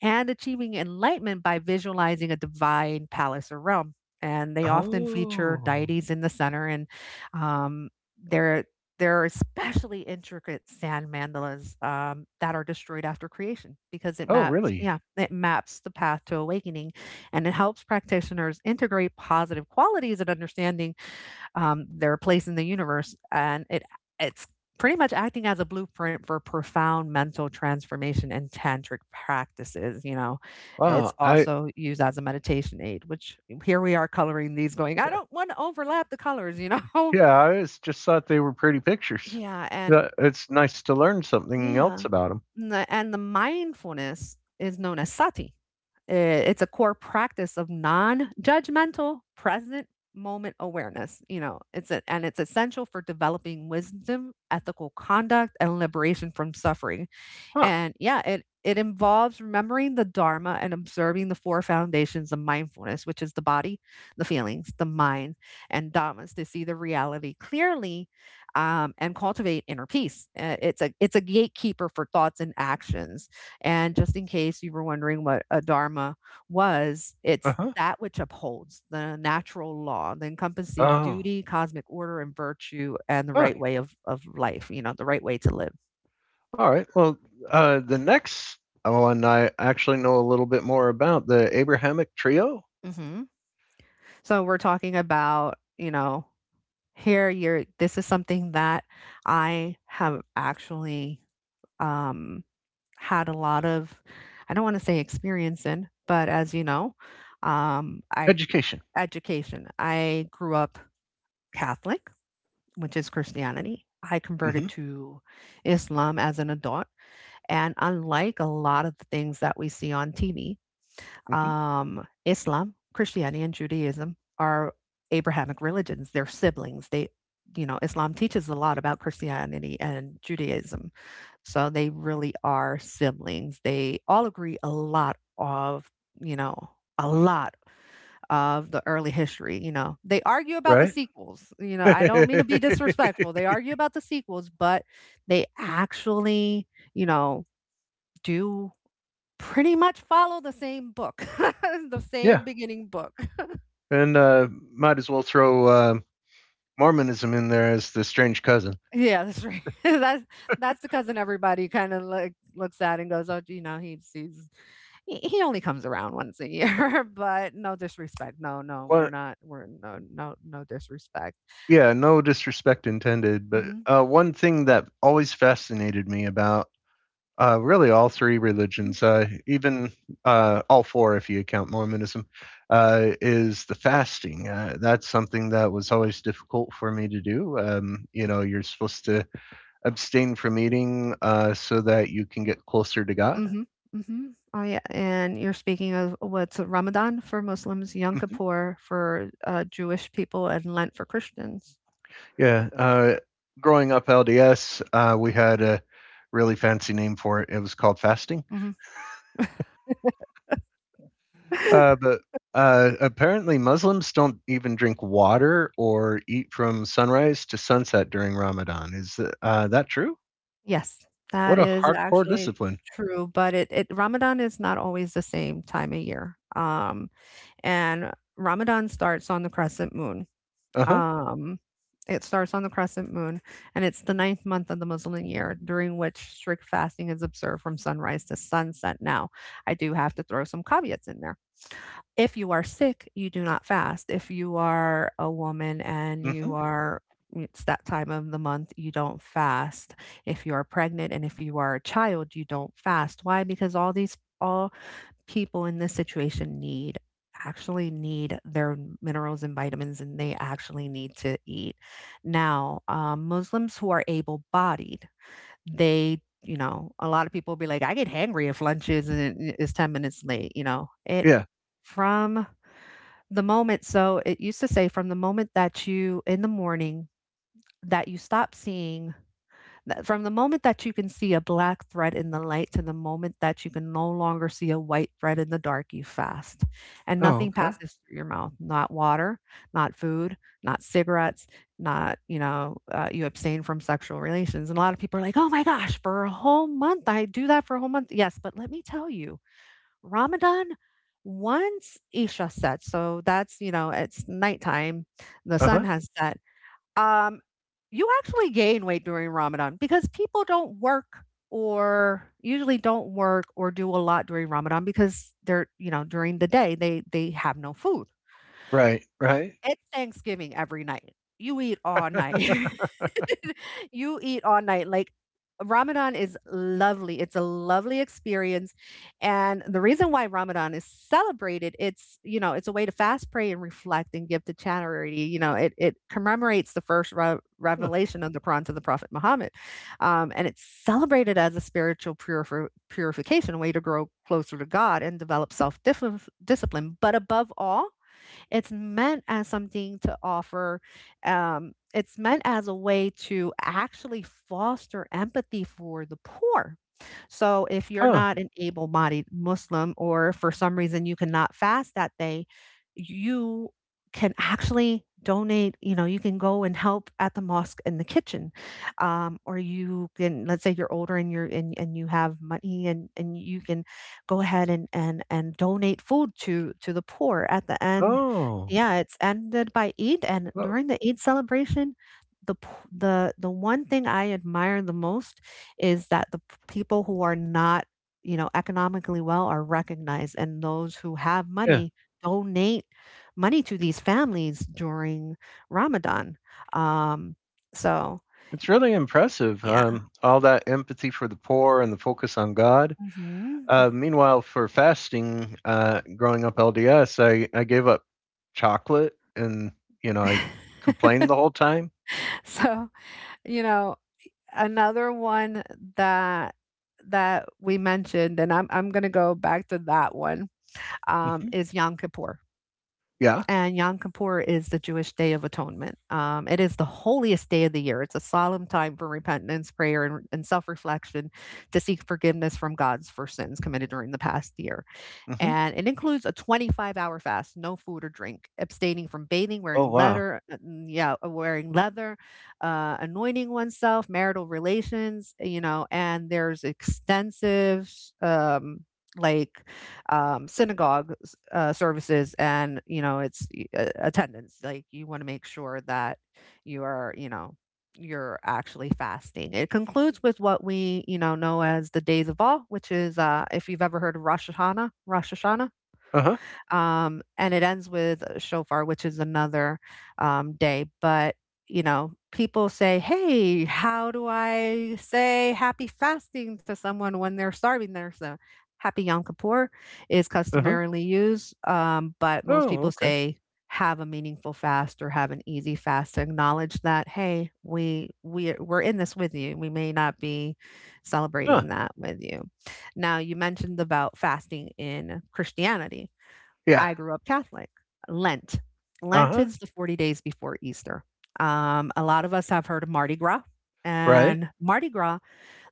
[SPEAKER 2] and achieving enlightenment by visualizing a divine palace or realm. And they often feature
[SPEAKER 1] Oh.
[SPEAKER 2] deities in the center, and um, they're there are especially intricate sand mandalas, that are destroyed after creation because it
[SPEAKER 1] Oh,
[SPEAKER 2] maps,
[SPEAKER 1] really?
[SPEAKER 2] yeah, it maps the path to awakening, and it helps practitioners integrate positive qualities and understanding their place in the universe, and it's pretty much acting as a blueprint for profound mental transformation and tantric practices, you know, it's
[SPEAKER 1] Wow. I.
[SPEAKER 2] also used as a meditation aid, which here we are coloring these going, I don't want to overlap the colors, you know.
[SPEAKER 1] Yeah, just thought they were pretty
[SPEAKER 2] (laughs)
[SPEAKER 1] pictures.
[SPEAKER 2] Yeah, and
[SPEAKER 1] Yeah, it's nice to learn something
[SPEAKER 2] yeah,
[SPEAKER 1] else about them.
[SPEAKER 2] and the mindfulness is known as sati. It's a core practice of non-judgmental present moment awareness. You know, it's a, and it's essential for developing wisdom, ethical conduct, and liberation from suffering.
[SPEAKER 1] Huh.
[SPEAKER 2] And yeah, it involves remembering the dharma and observing the four foundations of mindfulness, which is the body, the feelings, the mind, and dhammas to see the reality clearly, and cultivate inner peace. It's a gatekeeper for thoughts and actions. And just in case you were wondering what a dharma was,
[SPEAKER 1] Uh
[SPEAKER 2] it's
[SPEAKER 1] huh.
[SPEAKER 2] that which upholds the natural law, the encompassing
[SPEAKER 1] Oh.
[SPEAKER 2] duty, cosmic order, and virtue, and the
[SPEAKER 1] Huh.
[SPEAKER 2] right way of life, you know, the right way to live.
[SPEAKER 1] All right. Well, the next one I actually know a little bit more about, the Abrahamic trio.
[SPEAKER 2] Hmm. So we're talking about, you know, here you're, this is something that I have actually, um, had a lot of, I don't want to say experience in, but as you know, I,
[SPEAKER 1] Education.
[SPEAKER 2] education. I grew up Catholic, which is Christianity. I
[SPEAKER 1] Hmm.
[SPEAKER 2] converted to Islam as an adult, and unlike a lot of the things that we see on TV,
[SPEAKER 1] Hmm.
[SPEAKER 2] Islam, Christianity, and Judaism are Abrahamic religions. They're siblings. They, you know, Islam teaches a lot about Christianity and Judaism. So they really are siblings. They all agree a lot of, you know, a lot of the early history. You know, they argue about the
[SPEAKER 1] Right.
[SPEAKER 2] sequels. You know, I don't mean to be
[SPEAKER 1] (laughs)
[SPEAKER 2] disrespectful. They argue about the sequels, but they actually, you know, do pretty much follow the same book, (laughs) the
[SPEAKER 1] yeah.
[SPEAKER 2] same beginning book.
[SPEAKER 1] And might as well throw Mormonism in there as the strange cousin.
[SPEAKER 2] Yeah, that's right. (laughs) That's the cousin everybody kind of like looks at and goes, "Oh, you know, he sees, he only comes around once a year." (laughs) But no disrespect. No, no, we're
[SPEAKER 1] What?
[SPEAKER 2] not. We're, no, no, no disrespect.
[SPEAKER 1] Yeah, no disrespect intended, but
[SPEAKER 2] Mhm,
[SPEAKER 1] one thing that always fascinated me about, really all three
[SPEAKER 2] mhm,
[SPEAKER 1] religions, even all four if you count Mormonism, is the fasting. That's something that was always difficult for me to do. You're supposed to abstain from eating so that you can get closer to God. (laughs)
[SPEAKER 2] mhm, mhm. Oh yeah, and you're speaking of what's Ramadan for Muslims, Yom Kippur for Jewish people, and Lent for Christians.
[SPEAKER 1] yeah. Growing up LDS, we had a really fancy name for it. It was called fasting.
[SPEAKER 2] Mhm. (laughs)
[SPEAKER 1] But apparently, Muslims don't even drink water or eat from sunrise to sunset during Ramadan. Is that true?
[SPEAKER 2] Yes, that
[SPEAKER 1] What a
[SPEAKER 2] is
[SPEAKER 1] hardcore
[SPEAKER 2] actually
[SPEAKER 1] discipline.
[SPEAKER 2] true, but it Ramadan is not always the same time of year, and Ramadan starts on the crescent moon,
[SPEAKER 1] Uh huh.
[SPEAKER 2] um, it starts on the crescent moon, and it's the ninth month of the Muslim year, during which strict fasting is observed from sunrise to sunset. Now, I do have to throw some caveats in there. If you are sick, you do not fast. If you are a woman and you
[SPEAKER 1] hmm
[SPEAKER 2] are, it's that time of the month, you don't fast. If you are pregnant and if you are a child, you don't fast. Why? Because all people in this situation need, actually need their minerals and vitamins and they actually need to eat. Now, Muslims who are able-bodied, they, you know, a lot of people be like, I get hangry if lunch isn't is 10 minutes late, you know. It, yeah,
[SPEAKER 1] Yeah.
[SPEAKER 2] from the moment, so it used to say from the moment that you in the morning, that you stop seeing, that from the moment that you can see a black thread in the light to the moment that you can no longer see a white thread in the dark, you fast. And
[SPEAKER 1] Oh,
[SPEAKER 2] nothing
[SPEAKER 1] okay.
[SPEAKER 2] passes through your mouth, not water, not food, not cigarettes, not, you know, you abstain from sexual relations. And a lot of people are like, oh my gosh, for a whole month, I do that for a whole month. Yes, but let me tell you, Ramadan, once Isha sets, so that's, you know, it's nighttime, the
[SPEAKER 1] Uh
[SPEAKER 2] sun
[SPEAKER 1] huh.
[SPEAKER 2] has set. Um, you actually gain weight during Ramadan because people don't work or usually don't work or do a lot during Ramadan because they're, you know, during the day they have no food.
[SPEAKER 1] Right. Right.
[SPEAKER 2] It's Thanksgiving every night. You eat all night. (laughs) You eat all night. Like, Ramadan is lovely. It's a lovely experience. And the reason why Ramadan is celebrated, it's, you know, it's a way to fast, pray, and reflect and give to charity. You know, it commemorates the first
[SPEAKER 1] Huh.
[SPEAKER 2] revelation of the Quran to the Prophet Muhammad. And it's celebrated as a spiritual purification, a way to grow closer to God and develop self discipline. But above all, it's meant as something to offer, it's meant as a way to actually foster empathy for the poor. So if you're
[SPEAKER 1] Huh.
[SPEAKER 2] not an able bodied Muslim, or for some reason you cannot fast that day, you can actually donate, you know, you can go and help at the mosque in the kitchen, or you can, let's say you're older and you're, and you have money and you can go ahead and donate food to the poor at the end,
[SPEAKER 1] Oh.
[SPEAKER 2] yeah, it's ended by Eid, and
[SPEAKER 1] Well,
[SPEAKER 2] during the Eid celebration, the one thing I admire the most is that people who are not, you know, economically well are recognized, and those who have
[SPEAKER 1] yeah.
[SPEAKER 2] money donate money to these families during Ramadan. Um, so
[SPEAKER 1] It's really impressive.
[SPEAKER 2] yeah.
[SPEAKER 1] All that empathy for the poor and the focus on God.
[SPEAKER 2] Hmm.
[SPEAKER 1] Meanwhile, for fasting, growing up LDS, I gave up chocolate and, I complained the whole time.
[SPEAKER 2] (laughs) So, you know, another one that that we mentioned, and I'm gonna go back to that one,
[SPEAKER 1] hmm
[SPEAKER 2] is Yom Kippur.
[SPEAKER 1] Yeah.
[SPEAKER 2] And Yom Kippur is the Jewish Day of Atonement. It is the holiest day of the year. It's a solemn time for repentance, prayer, and self reflection to seek forgiveness from God for sins committed during the past year
[SPEAKER 1] hmm
[SPEAKER 2] and it includes a 25-hour fast, no food or drink, abstaining from bathing,
[SPEAKER 1] Oh,
[SPEAKER 2] wearing
[SPEAKER 1] wow.
[SPEAKER 2] leather, yeah, wearing leather, anointing oneself, marital relations, you know, and there's extensive like synagogue services and you know it's attendance, like you want to make sure that you are, you know, you're actually fasting. It concludes with what we, you know as the days of awe, which is if you've ever heard of Rosh Hashanah, Rosh Hashanah.
[SPEAKER 1] Uh huh.
[SPEAKER 2] And it ends with a shofar, which is another, day, but, you know, people say, "Hey, how do I say happy fasting to someone when they're starving?" There's a, happy Yom Kippur is
[SPEAKER 1] Uh huh.
[SPEAKER 2] customarily used, but most
[SPEAKER 1] Oh,
[SPEAKER 2] people
[SPEAKER 1] okay.
[SPEAKER 2] say, "Have a meaningful fast or have an easy fast," to acknowledge that, "Hey, we we're in this with you. We may not be
[SPEAKER 1] Huh.
[SPEAKER 2] celebrating that with you." Now, you mentioned about fasting in Christianity.
[SPEAKER 1] Yeah.
[SPEAKER 2] I grew up Catholic. Lent.
[SPEAKER 1] Uh
[SPEAKER 2] Lent
[SPEAKER 1] huh.
[SPEAKER 2] is the 40 days before Easter. A lot of us have heard of Mardi Gras.
[SPEAKER 1] Right.
[SPEAKER 2] And Mardi Gras,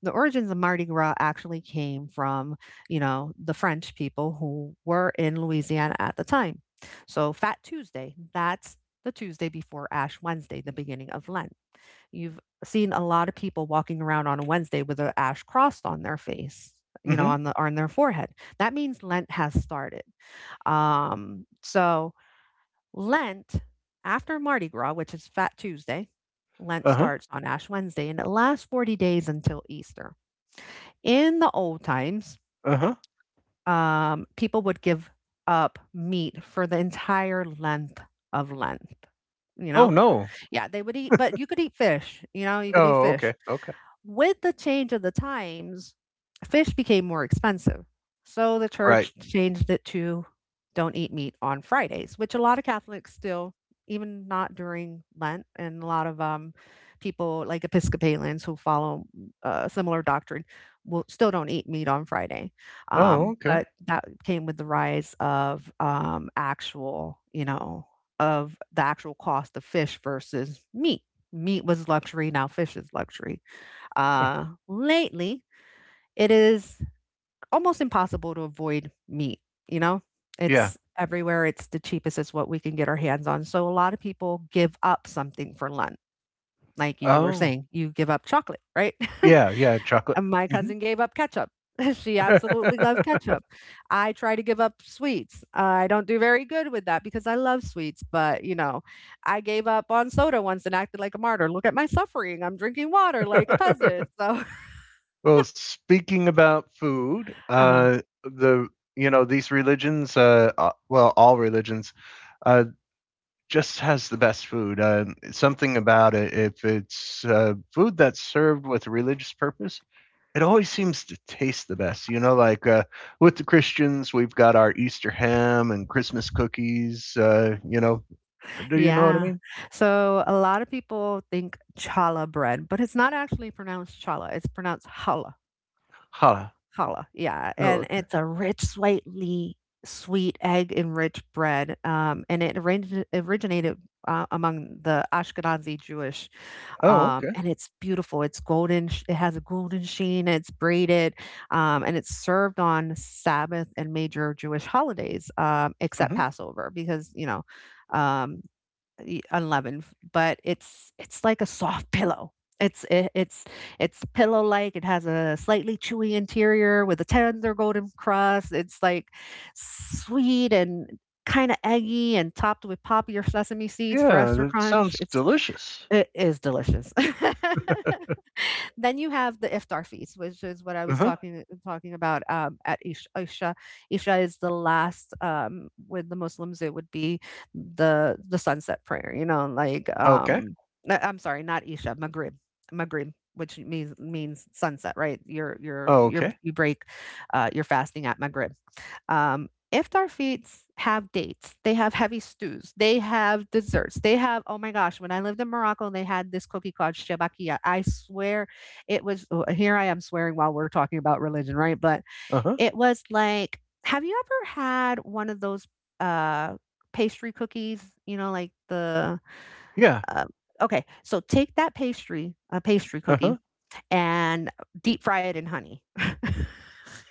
[SPEAKER 2] the origins of Mardi Gras actually came from, you know, the French people who were in Louisiana at the time. So Fat Tuesday, that's the Tuesday before Ash Wednesday, the beginning of Lent. You've seen a lot of people walking around on a Wednesday with an ash cross on their face, you know,
[SPEAKER 1] Mhm.
[SPEAKER 2] on the on their forehead. That means Lent has started. So Lent, after Mardi Gras, which is Fat Tuesday, Lent
[SPEAKER 1] Uh-huh,
[SPEAKER 2] starts on Ash Wednesday and it lasts 40 days until Easter. In the old times,
[SPEAKER 1] uh-huh.
[SPEAKER 2] people would give up meat for the entire length of Lent. You
[SPEAKER 1] Oh,
[SPEAKER 2] know,
[SPEAKER 1] no.
[SPEAKER 2] yeah, they would eat, but you could eat fish. You know, you could eat
[SPEAKER 1] Oh, okay,
[SPEAKER 2] fish.
[SPEAKER 1] okay.
[SPEAKER 2] With the change of the times, fish became more expensive. So the
[SPEAKER 1] Right.
[SPEAKER 2] church changed it to don't eat meat on Fridays, which a lot of Catholics still, even not during Lent, and a lot of people like Episcopalians who follow similar doctrine will still don't eat meat on Friday.
[SPEAKER 1] Oh, okay.
[SPEAKER 2] But that came with the rise of actual, you know, of the actual cost of fish versus meat. Meat was luxury, now fish is luxury.
[SPEAKER 1] Yeah.
[SPEAKER 2] Lately, it is almost impossible to avoid meat, you know? Yeah.
[SPEAKER 1] Yeah.
[SPEAKER 2] It's everywhere, it's the cheapest, it's what we can get our hands on. So a lot of people give up something for lunch. Like you were
[SPEAKER 1] Oh.
[SPEAKER 2] saying, you give up chocolate, right? (laughs)
[SPEAKER 1] Yeah, yeah, chocolate.
[SPEAKER 2] And my
[SPEAKER 1] Mhm.
[SPEAKER 2] cousin gave up ketchup. (laughs) She absolutely loved ketchup. I try to give up sweets. I don't do very good with that because I love sweets, but you know, I gave up on soda once and acted like a martyr. Look at my suffering. I'm drinking water like a
[SPEAKER 1] (laughs)
[SPEAKER 2] peasant. So
[SPEAKER 1] Well, speaking about food,
[SPEAKER 2] (laughs)
[SPEAKER 1] these religions, a well, all religions, uh, just has the best food. Something about it, if it's, food that's served with a religious purpose, it always seems to taste the best. You know, like with the Christians, we've got our Easter ham and Christmas cookies. Do you know what I
[SPEAKER 2] yeah.
[SPEAKER 1] mean?
[SPEAKER 2] So a lot of people think challah bread, but it's not actually pronounced challah. It's pronounced challah.
[SPEAKER 1] Challah.
[SPEAKER 2] Challah. Yeah.
[SPEAKER 1] Oh,
[SPEAKER 2] And
[SPEAKER 1] okay.
[SPEAKER 2] it's a rich, slightly sweet egg enriched bread. And it originated among the Ashkenazi Jewish.
[SPEAKER 1] Oh, okay.
[SPEAKER 2] And it's beautiful. It's golden. It has a golden sheen. It's braided. And it's served on Sabbath and major Jewish holidays, except
[SPEAKER 1] hmm
[SPEAKER 2] Passover, because, you know, um, unleavened, but it's like a soft (laughs) pillow. It's it's pillow like. It has a slightly chewy interior with a tender golden crust. It's like sweet and kind of eggy and topped with poppy or sesame seeds for
[SPEAKER 1] Yeah,
[SPEAKER 2] extra
[SPEAKER 1] that
[SPEAKER 2] crunch.
[SPEAKER 1] sounds
[SPEAKER 2] It's
[SPEAKER 1] delicious.
[SPEAKER 2] it is delicious. (laughs) Then you have the iftar feast, which is what I
[SPEAKER 1] Uh
[SPEAKER 2] was
[SPEAKER 1] huh.
[SPEAKER 2] talking about at Isha. Isha. Isha is the last with the Muslims. It would be the sunset prayer. You know, like
[SPEAKER 1] Okay.
[SPEAKER 2] I'm sorry, not Isha, Maghrib, Maghrib, which means sunset, right? You're you're
[SPEAKER 1] Oh,
[SPEAKER 2] you're
[SPEAKER 1] okay.
[SPEAKER 2] you break your fasting at Maghrib. Iftar feasts have dates. They have heavy stews. They have desserts. They have, oh my gosh! When I lived in Morocco, they had this cookie called shebakia. I swear, it was, oh, here. I am swearing while we're talking about religion, right? But
[SPEAKER 1] Uh huh.
[SPEAKER 2] it was like, have you ever had one of those uh, pastry cookies? You know, like the
[SPEAKER 1] Yeah.
[SPEAKER 2] uh, okay. So take that pastry, a pastry
[SPEAKER 1] Uh huh.
[SPEAKER 2] cookie and deep fry it in honey. (laughs)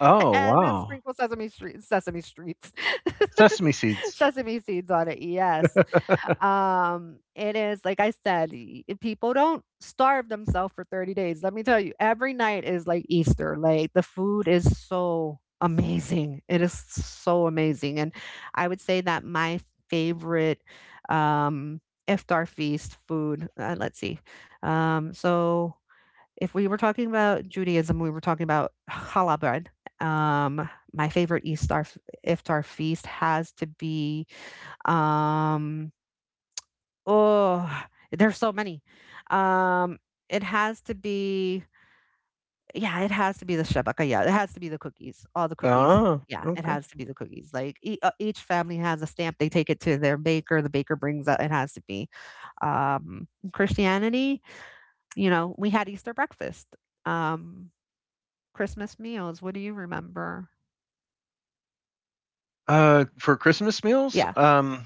[SPEAKER 1] Oh,
[SPEAKER 2] And then
[SPEAKER 1] wow.
[SPEAKER 2] sprinkle sesame streets. (laughs)
[SPEAKER 1] Sesame seeds.
[SPEAKER 2] Sesame seeds on it, yes.
[SPEAKER 1] (laughs)
[SPEAKER 2] It is, like I said, y people don't starve themselves for 30 days. Let me tell you, every night is like Easter, like the food is so amazing. It is so amazing, and I would say that my favorite, um, iftar feast food, let's see, so if we were talking about Judaism, we were talking about challah bread. My favorite Eastar iftar feast has to be um, oh, there's so many. Um, it has to be, yeah, it has to be the shabaka. Yeah, it has to be the cookies, all the cookies.
[SPEAKER 1] Oh,
[SPEAKER 2] Yeah, it
[SPEAKER 1] okay.
[SPEAKER 2] has to be the cookies. Like each family has a stamp. They take it to their baker. The baker brings out. It has to be um, Christianity. You know, we had Easter breakfast. Um, Christmas meals, what do you remember?
[SPEAKER 1] For Christmas meals,
[SPEAKER 2] Yeah.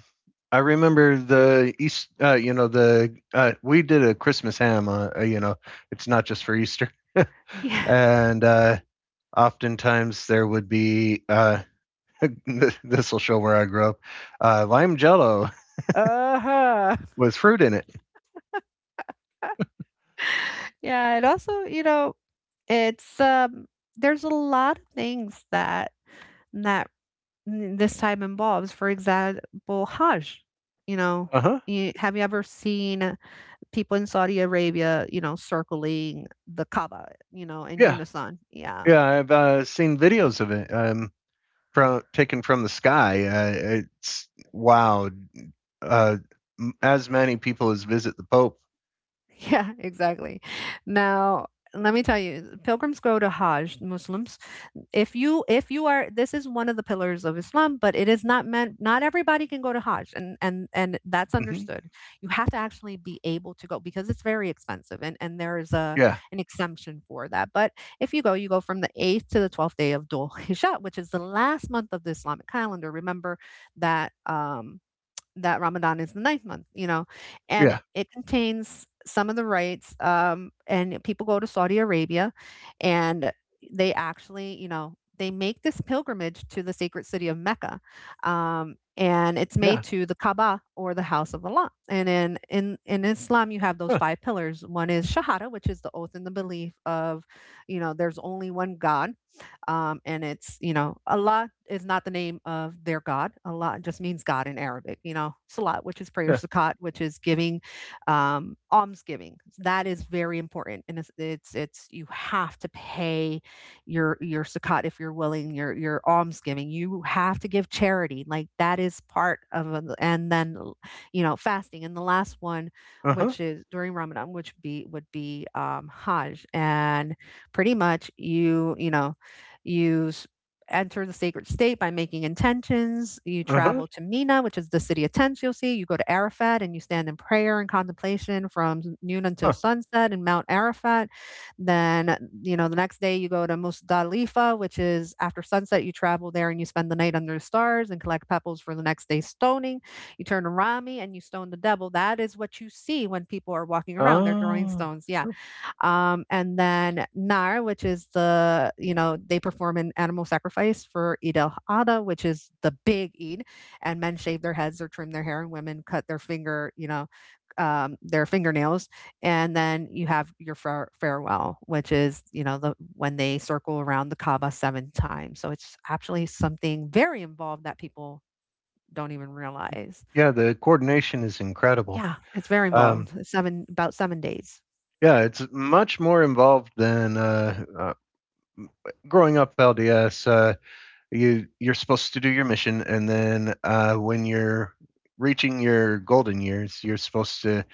[SPEAKER 1] I remember the East. You know, the We did a Christmas ham. It's not just for Easter,
[SPEAKER 2] Yeah.
[SPEAKER 1] and oftentimes there would be. (laughs) This will show where I grew up. Lime Jello
[SPEAKER 2] Uh-huh.
[SPEAKER 1] (laughs) with fruit in it.
[SPEAKER 2] (laughs) Yeah, it also, you know, it's um, there's a lot of things that that this time involves. For example, Hajj. You know,
[SPEAKER 1] Uh huh.
[SPEAKER 2] you, have you ever seen people in Saudi Arabia, you know, circling the Kaaba, you know, in
[SPEAKER 1] Yeah,
[SPEAKER 2] unison? Yeah.
[SPEAKER 1] yeah. I've seen videos of it. From taken from the sky. It's wow. Uh, as many people as visit the Pope.
[SPEAKER 2] Yeah, exactly. Now, let me tell you, pilgrims go to Hajj, Muslims. If you are, this is one of the pillars of Islam, but it is not meant, not everybody can go to Hajj, and and that's
[SPEAKER 1] hmm
[SPEAKER 2] understood. You have to actually be able to go because it's very expensive, and there is a
[SPEAKER 1] Yeah,
[SPEAKER 2] an exemption for that. But if you go, you go from the 8th to the 12th day of Dhul Hijjah, which is the last month of the Islamic calendar. Remember that that Ramadan is the ninth month, you know, and
[SPEAKER 1] yeah,
[SPEAKER 2] it contains some of the rites. And people go to Saudi Arabia and they actually, you know, they make this pilgrimage to the sacred city of Mecca. And it's made
[SPEAKER 1] yeah.
[SPEAKER 2] to the Kaaba or the house of Allah. And in Islam, you have those
[SPEAKER 1] Huh,
[SPEAKER 2] five pillars. One is Shahada, which is the oath and the belief of, you know, there's only one God, and it's, you know, Allah is not the name of their God. Allah just means God in Arabic. You know, salat, which is prayer,
[SPEAKER 1] yeah.
[SPEAKER 2] zakat, which is giving, almsgiving. That is very important. And you have to pay your zakat if you're willing, your almsgiving. You have to give charity. Like that is part of, a, and then, you know, fasting. And the last one,
[SPEAKER 1] Uh-huh,
[SPEAKER 2] which is during Ramadan, which would be Hajj. And pretty much you, you know, you enter the sacred state by making intentions. You
[SPEAKER 1] uh-huh,
[SPEAKER 2] travel to Mina, which is the city of tents. You see. You go to Arafat and you stand in prayer and contemplation from noon until
[SPEAKER 1] huh.
[SPEAKER 2] sunset in Mount Arafat. Then, you know, the next day you go to Musdalifa, which is after sunset, you travel there and you spend the night under the stars and collect pebbles for the next day's stoning. You turn to Rami and you stone the devil. That is what you see when people are walking around. They're throwing
[SPEAKER 1] Oh,
[SPEAKER 2] stones. Yeah. And then Nar, which is the, you know, they perform an animal sacrifice for Eid al Adha, which is the big Eid. And men shave their heads or trim their hair, and women cut their finger, you know, their fingernails. And then you have your farewell, which is, you know, the when they circle around the Kaaba seven times. So it's actually something very involved that people don't even realize.
[SPEAKER 1] yeah, the coordination is incredible.
[SPEAKER 2] Yeah, it's very
[SPEAKER 1] Um,
[SPEAKER 2] involved. Seven, about 7 days.
[SPEAKER 1] yeah, it's much more involved than, growing up LDS, you're supposed to do your mission, and then, when you're reaching your golden years, you're supposed to,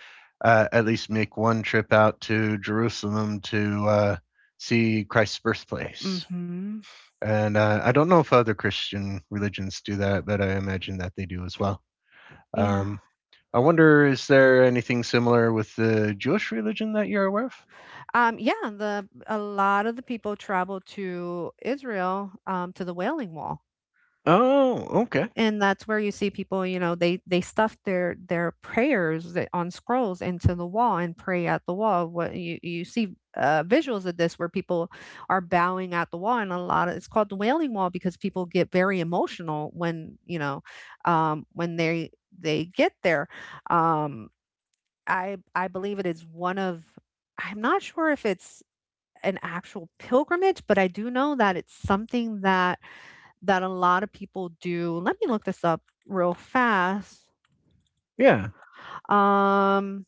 [SPEAKER 1] at least make one trip out to Jerusalem to, see Christ's birthplace.
[SPEAKER 2] Hmm.
[SPEAKER 1] And, I don't know if other Christian religions do that, but I imagine that they do as well.
[SPEAKER 2] Yeah.
[SPEAKER 1] Um I wonder, is there anything similar with the Jewish religion that you're aware of?
[SPEAKER 2] Yeah, the a lot of the people travel to Israel, to the Wailing Wall,
[SPEAKER 1] Oh, okay.
[SPEAKER 2] and that's where you see people. You know, they they stuff their prayers that, on scrolls into the wall and pray at the wall. What you see visuals of this where people are bowing at the wall, and a lot of it's called the Wailing Wall because people get very emotional when you know when they get there. Um, I believe it is one of, I'm not sure if it's an actual pilgrimage, but I do know that it's something that that a lot of people do. Let me look this up real fast.
[SPEAKER 1] Yeah.
[SPEAKER 2] Um,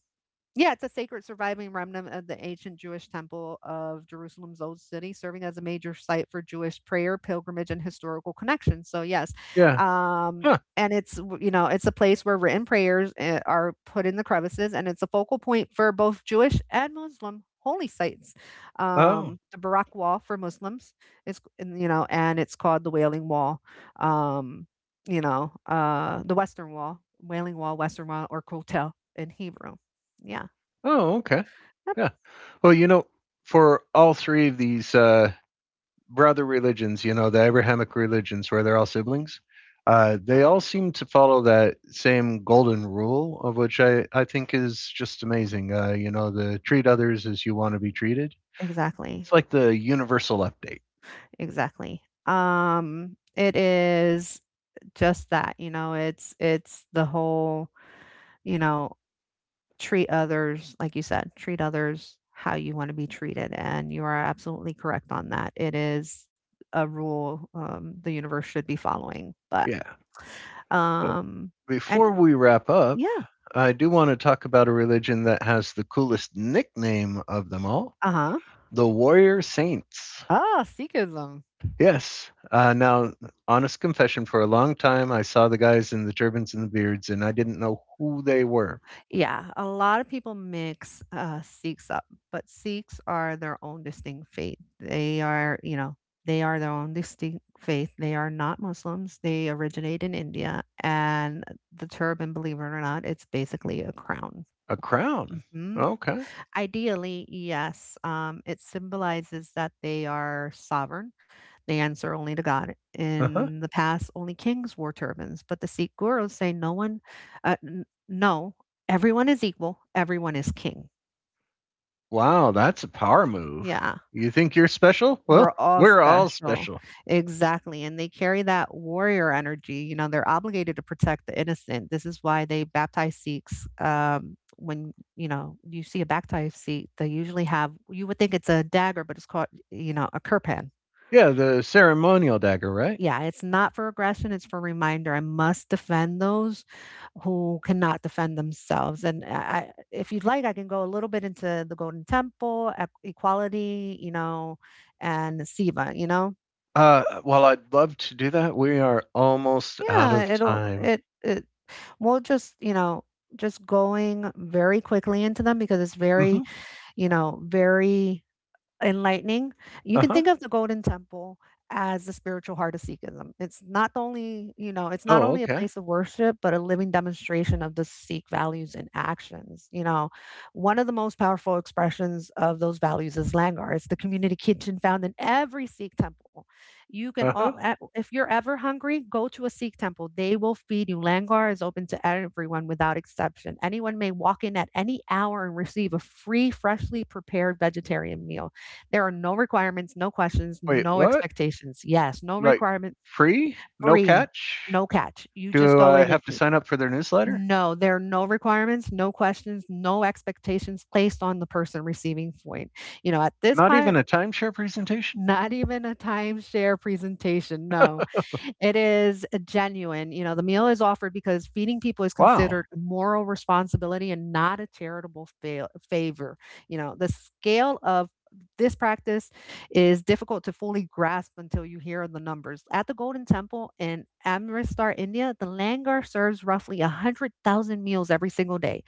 [SPEAKER 2] yeah, it's a sacred surviving remnant of the ancient Jewish temple of Jerusalem's old city, serving as a major site for Jewish prayer, pilgrimage, and historical connections. So yes,
[SPEAKER 1] Yeah.
[SPEAKER 2] um,
[SPEAKER 1] Huh.
[SPEAKER 2] and it's you know, it's a place where written prayers are put in the crevices, and it's a focal point for both Jewish and Muslim holy sites.
[SPEAKER 1] Oh.
[SPEAKER 2] The Barak Wall for Muslims is, and, you know, and it's called the Wailing Wall. Um, you know, the Western Wall, Wailing Wall, Western Wall, or Kotel in Hebrew. Yeah.
[SPEAKER 1] Oh, okay.
[SPEAKER 2] Yep.
[SPEAKER 1] Yeah. Well, you know, for all three of these brother religions, you know, the Abrahamic religions where they're all siblings, they all seem to follow that same golden rule, of which I think is just amazing. The treat others as you want to be treated.
[SPEAKER 2] Exactly.
[SPEAKER 1] It's like the universal update.
[SPEAKER 2] Exactly. It is just that, you know, it's the whole, you know, treat others, like you said, treat others how you want to be treated. And you are absolutely correct on that. It is a rule, the universe should be following. But,
[SPEAKER 1] Yeah.
[SPEAKER 2] um, and
[SPEAKER 1] Before we wrap up,
[SPEAKER 2] yeah,
[SPEAKER 1] I do want to talk about a religion that has the coolest nickname of them all,
[SPEAKER 2] uh huh.
[SPEAKER 1] the Warrior Saints.
[SPEAKER 2] Ah, Sikhism.
[SPEAKER 1] Yes. Now, honest confession, for a long time, I saw the guys in the turbans and the beards, and I didn't know who they were.
[SPEAKER 2] Yeah, a lot of people mix Sikhs up, but Sikhs are their own distinct faith. They are, you know, they are their own distinct faith. They are not Muslims. They originate in India. And the turban, believe it or not, it's basically a crown.
[SPEAKER 1] A crown.
[SPEAKER 2] Mm,
[SPEAKER 1] Okay.
[SPEAKER 2] ideally, yes. It symbolizes that they are sovereign. They answer only to God.
[SPEAKER 1] Uh huh.
[SPEAKER 2] In the past, only kings wore turbans, but the Sikh gurus say no one, n- no, everyone is equal, everyone is king.
[SPEAKER 1] Wow, that's a power move.
[SPEAKER 2] Yeah.
[SPEAKER 1] You think you're special?
[SPEAKER 2] We're
[SPEAKER 1] Well, (laughs)
[SPEAKER 2] all
[SPEAKER 1] we're all
[SPEAKER 2] special.
[SPEAKER 1] special.
[SPEAKER 2] Exactly, and they carry that warrior energy, you know, they're obligated to protect the innocent. This is why they baptize Sikhs, when, you know, you see a baptized Sikh, they usually have you would think it's a dagger, but it's called, you know, a kirpan.
[SPEAKER 1] Yeah, the ceremonial dagger, right?
[SPEAKER 2] Yeah, it's not for aggression, it's for reminder. I must defend those who cannot defend themselves, and I if you'd like, I can go a little bit into the Golden Temple, e equality, you know, and Siva, you know?
[SPEAKER 1] Well, I'd love to do that. We are almost out
[SPEAKER 2] Yeah,
[SPEAKER 1] of
[SPEAKER 2] it'll
[SPEAKER 1] time.
[SPEAKER 2] it it we'll just, you know, just going very quickly into them because it's very,
[SPEAKER 1] Mhm.
[SPEAKER 2] you know, very enlightening. You can
[SPEAKER 1] Uh-huh.
[SPEAKER 2] think of the Golden Temple as the spiritual heart of Sikhism. It's not only, you know, it's not
[SPEAKER 1] Oh,
[SPEAKER 2] only a
[SPEAKER 1] okay.
[SPEAKER 2] place of worship, but a living demonstration of the Sikh values and actions. You know, one of the most powerful expressions of those values is langar. It's the community kitchen found in every Sikh temple. You can
[SPEAKER 1] Uh-huh.
[SPEAKER 2] all, a- If you're ever hungry, go to a Sikh temple. They will feed you. Langar is open to everyone without exception. Anyone may walk in at any hour and receive a free, freshly prepared vegetarian meal. There are no requirements, no questions,
[SPEAKER 1] Wait,
[SPEAKER 2] no
[SPEAKER 1] what?
[SPEAKER 2] expectations. Yes, no
[SPEAKER 1] Like
[SPEAKER 2] requirements,
[SPEAKER 1] free? No
[SPEAKER 2] free,
[SPEAKER 1] catch?
[SPEAKER 2] no catch. You just
[SPEAKER 1] Do
[SPEAKER 2] go
[SPEAKER 1] I
[SPEAKER 2] in and
[SPEAKER 1] have to
[SPEAKER 2] eat.
[SPEAKER 1] sign up for their newsletter?
[SPEAKER 2] No, there are no requirements, no questions, no expectations placed on the person receiving food. You know, at this
[SPEAKER 1] Not even
[SPEAKER 2] point,
[SPEAKER 1] a timeshare presentation?
[SPEAKER 2] not even a timeshare presentation, no. It is a genuine. You know, the meal is offered because feeding people is
[SPEAKER 1] Wow.
[SPEAKER 2] considered a moral responsibility and not a charitable favor. You know, the scale of this practice is difficult to fully grasp until you hear the numbers. At the Golden Temple in Amritsar, India, the langar serves roughly 100,000 meals every single day.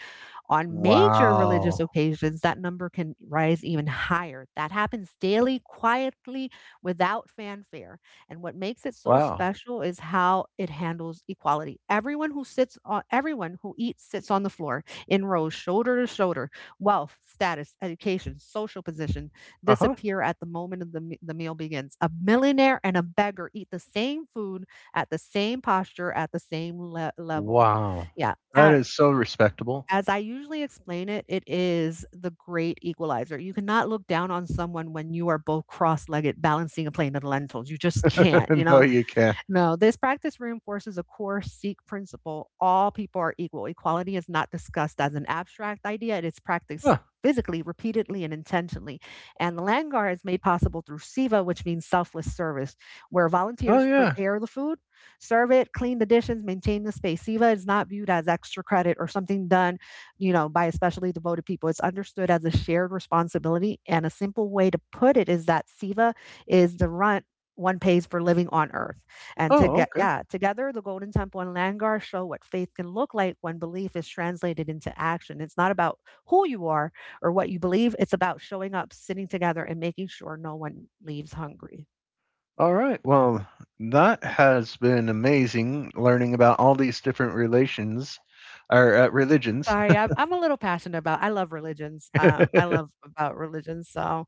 [SPEAKER 2] On major religious
[SPEAKER 1] Wow.
[SPEAKER 2] occasions, that number can rise even higher. That happens daily, quietly, without fanfare. And what makes it so
[SPEAKER 1] Wow.
[SPEAKER 2] special is how it handles equality. Everyone who eats sits on the floor in rows, shoulder to shoulder. Wealth, status, education, social position
[SPEAKER 1] Uh-huh.
[SPEAKER 2] disappear at the moment of the meal begins. A millionaire and a beggar eat the same food at the same posture at the same level.
[SPEAKER 1] Wow.
[SPEAKER 2] Yeah.
[SPEAKER 1] That is so respectable.
[SPEAKER 2] As I usually explain it, it is the great equalizer. You cannot look down on someone when you are both cross-legged balancing a plate of lentils. You just can't, you
[SPEAKER 1] (laughs) no,
[SPEAKER 2] know?
[SPEAKER 1] you can't.
[SPEAKER 2] No, this practice reinforces a core Sikh principle all people are equal. Equality is not discussed as an abstract idea, it is practiced
[SPEAKER 1] Huh.
[SPEAKER 2] physically, repeatedly, and intentionally. And the langar is made possible through seva, which means selfless service, where
[SPEAKER 1] Oh,
[SPEAKER 2] volunteers
[SPEAKER 1] yeah.
[SPEAKER 2] prepare the food, serve it, clean the dishes, maintain the space. Seva is not viewed as extra credit or something done, you know, by especially devoted people. It's understood as a shared responsibility. And a simple way to put it is that seva is the rent one pays for living on earth. And to
[SPEAKER 1] Oh,
[SPEAKER 2] get,
[SPEAKER 1] okay.
[SPEAKER 2] yeah, together, the Golden Temple and langar show what faith can look like when belief is translated into action. It's not about who you are or what you believe, it's about showing up, sitting together, and making sure no one leaves hungry.
[SPEAKER 1] All right. Well, that has been amazing learning about all these different relations or religions.
[SPEAKER 2] Sorry, I'm a little passionate about. I love religions. I love
[SPEAKER 1] (laughs)
[SPEAKER 2] about religions. So,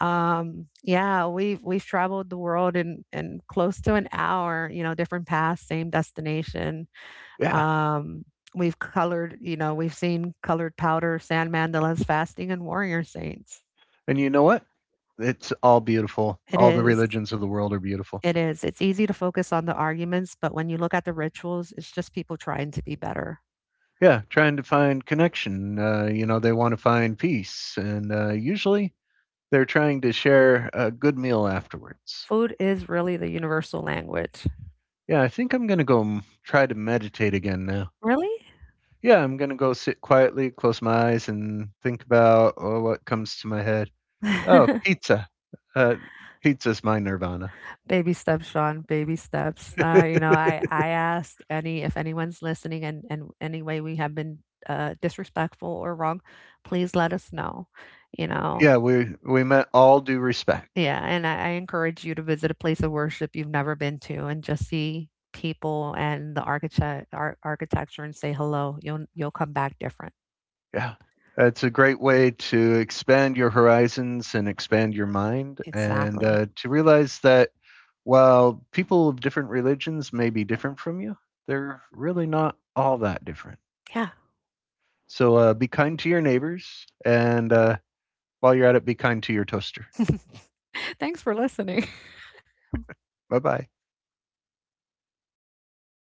[SPEAKER 2] yeah, we've traveled the world in close to an hour. You know, different paths, same destination.
[SPEAKER 1] yeah.
[SPEAKER 2] Um, we've colored, you know, we've seen colored powder, sand mandalas, fasting, and warrior saints.
[SPEAKER 1] And you know what? It's all beautiful.
[SPEAKER 2] It
[SPEAKER 1] All the
[SPEAKER 2] is.
[SPEAKER 1] religions of the world are beautiful.
[SPEAKER 2] It is. It's easy to focus on the arguments, but when you look at the rituals, it's just people trying to be better.
[SPEAKER 1] Yeah, trying to find connection. They want to find peace, and usually they're trying to share a good meal afterwards.
[SPEAKER 2] Food is really the universal language.
[SPEAKER 1] Yeah, I think I'm gonna go try to meditate again now.
[SPEAKER 2] Really?
[SPEAKER 1] Yeah, I'm gonna go sit quietly, close my eyes, and think about, oh, what comes to my head. Oh,
[SPEAKER 2] (laughs)
[SPEAKER 1] pizza. Uh, Pizza's my nirvana.
[SPEAKER 2] Baby steps, Sean. Baby steps. You
[SPEAKER 1] (laughs)
[SPEAKER 2] know, I ask any if anyone's listening and any way we have been disrespectful or wrong, please let us know. You know,
[SPEAKER 1] Yeah, we meant all due respect.
[SPEAKER 2] yeah, and I encourage you to visit a place of worship you've never been to and just see people and the architecture and say hello. You'll come back different.
[SPEAKER 1] Yeah. It's a great way to expand your horizons and expand your mind, and
[SPEAKER 2] Exactly.
[SPEAKER 1] to realize that while people of different religions may be different from you, they're really not all that different.
[SPEAKER 2] Yeah.
[SPEAKER 1] So be kind to your neighbors, and while you're at it, be kind to your toaster.
[SPEAKER 2] (laughs) Thanks for listening.
[SPEAKER 1] Bye bye.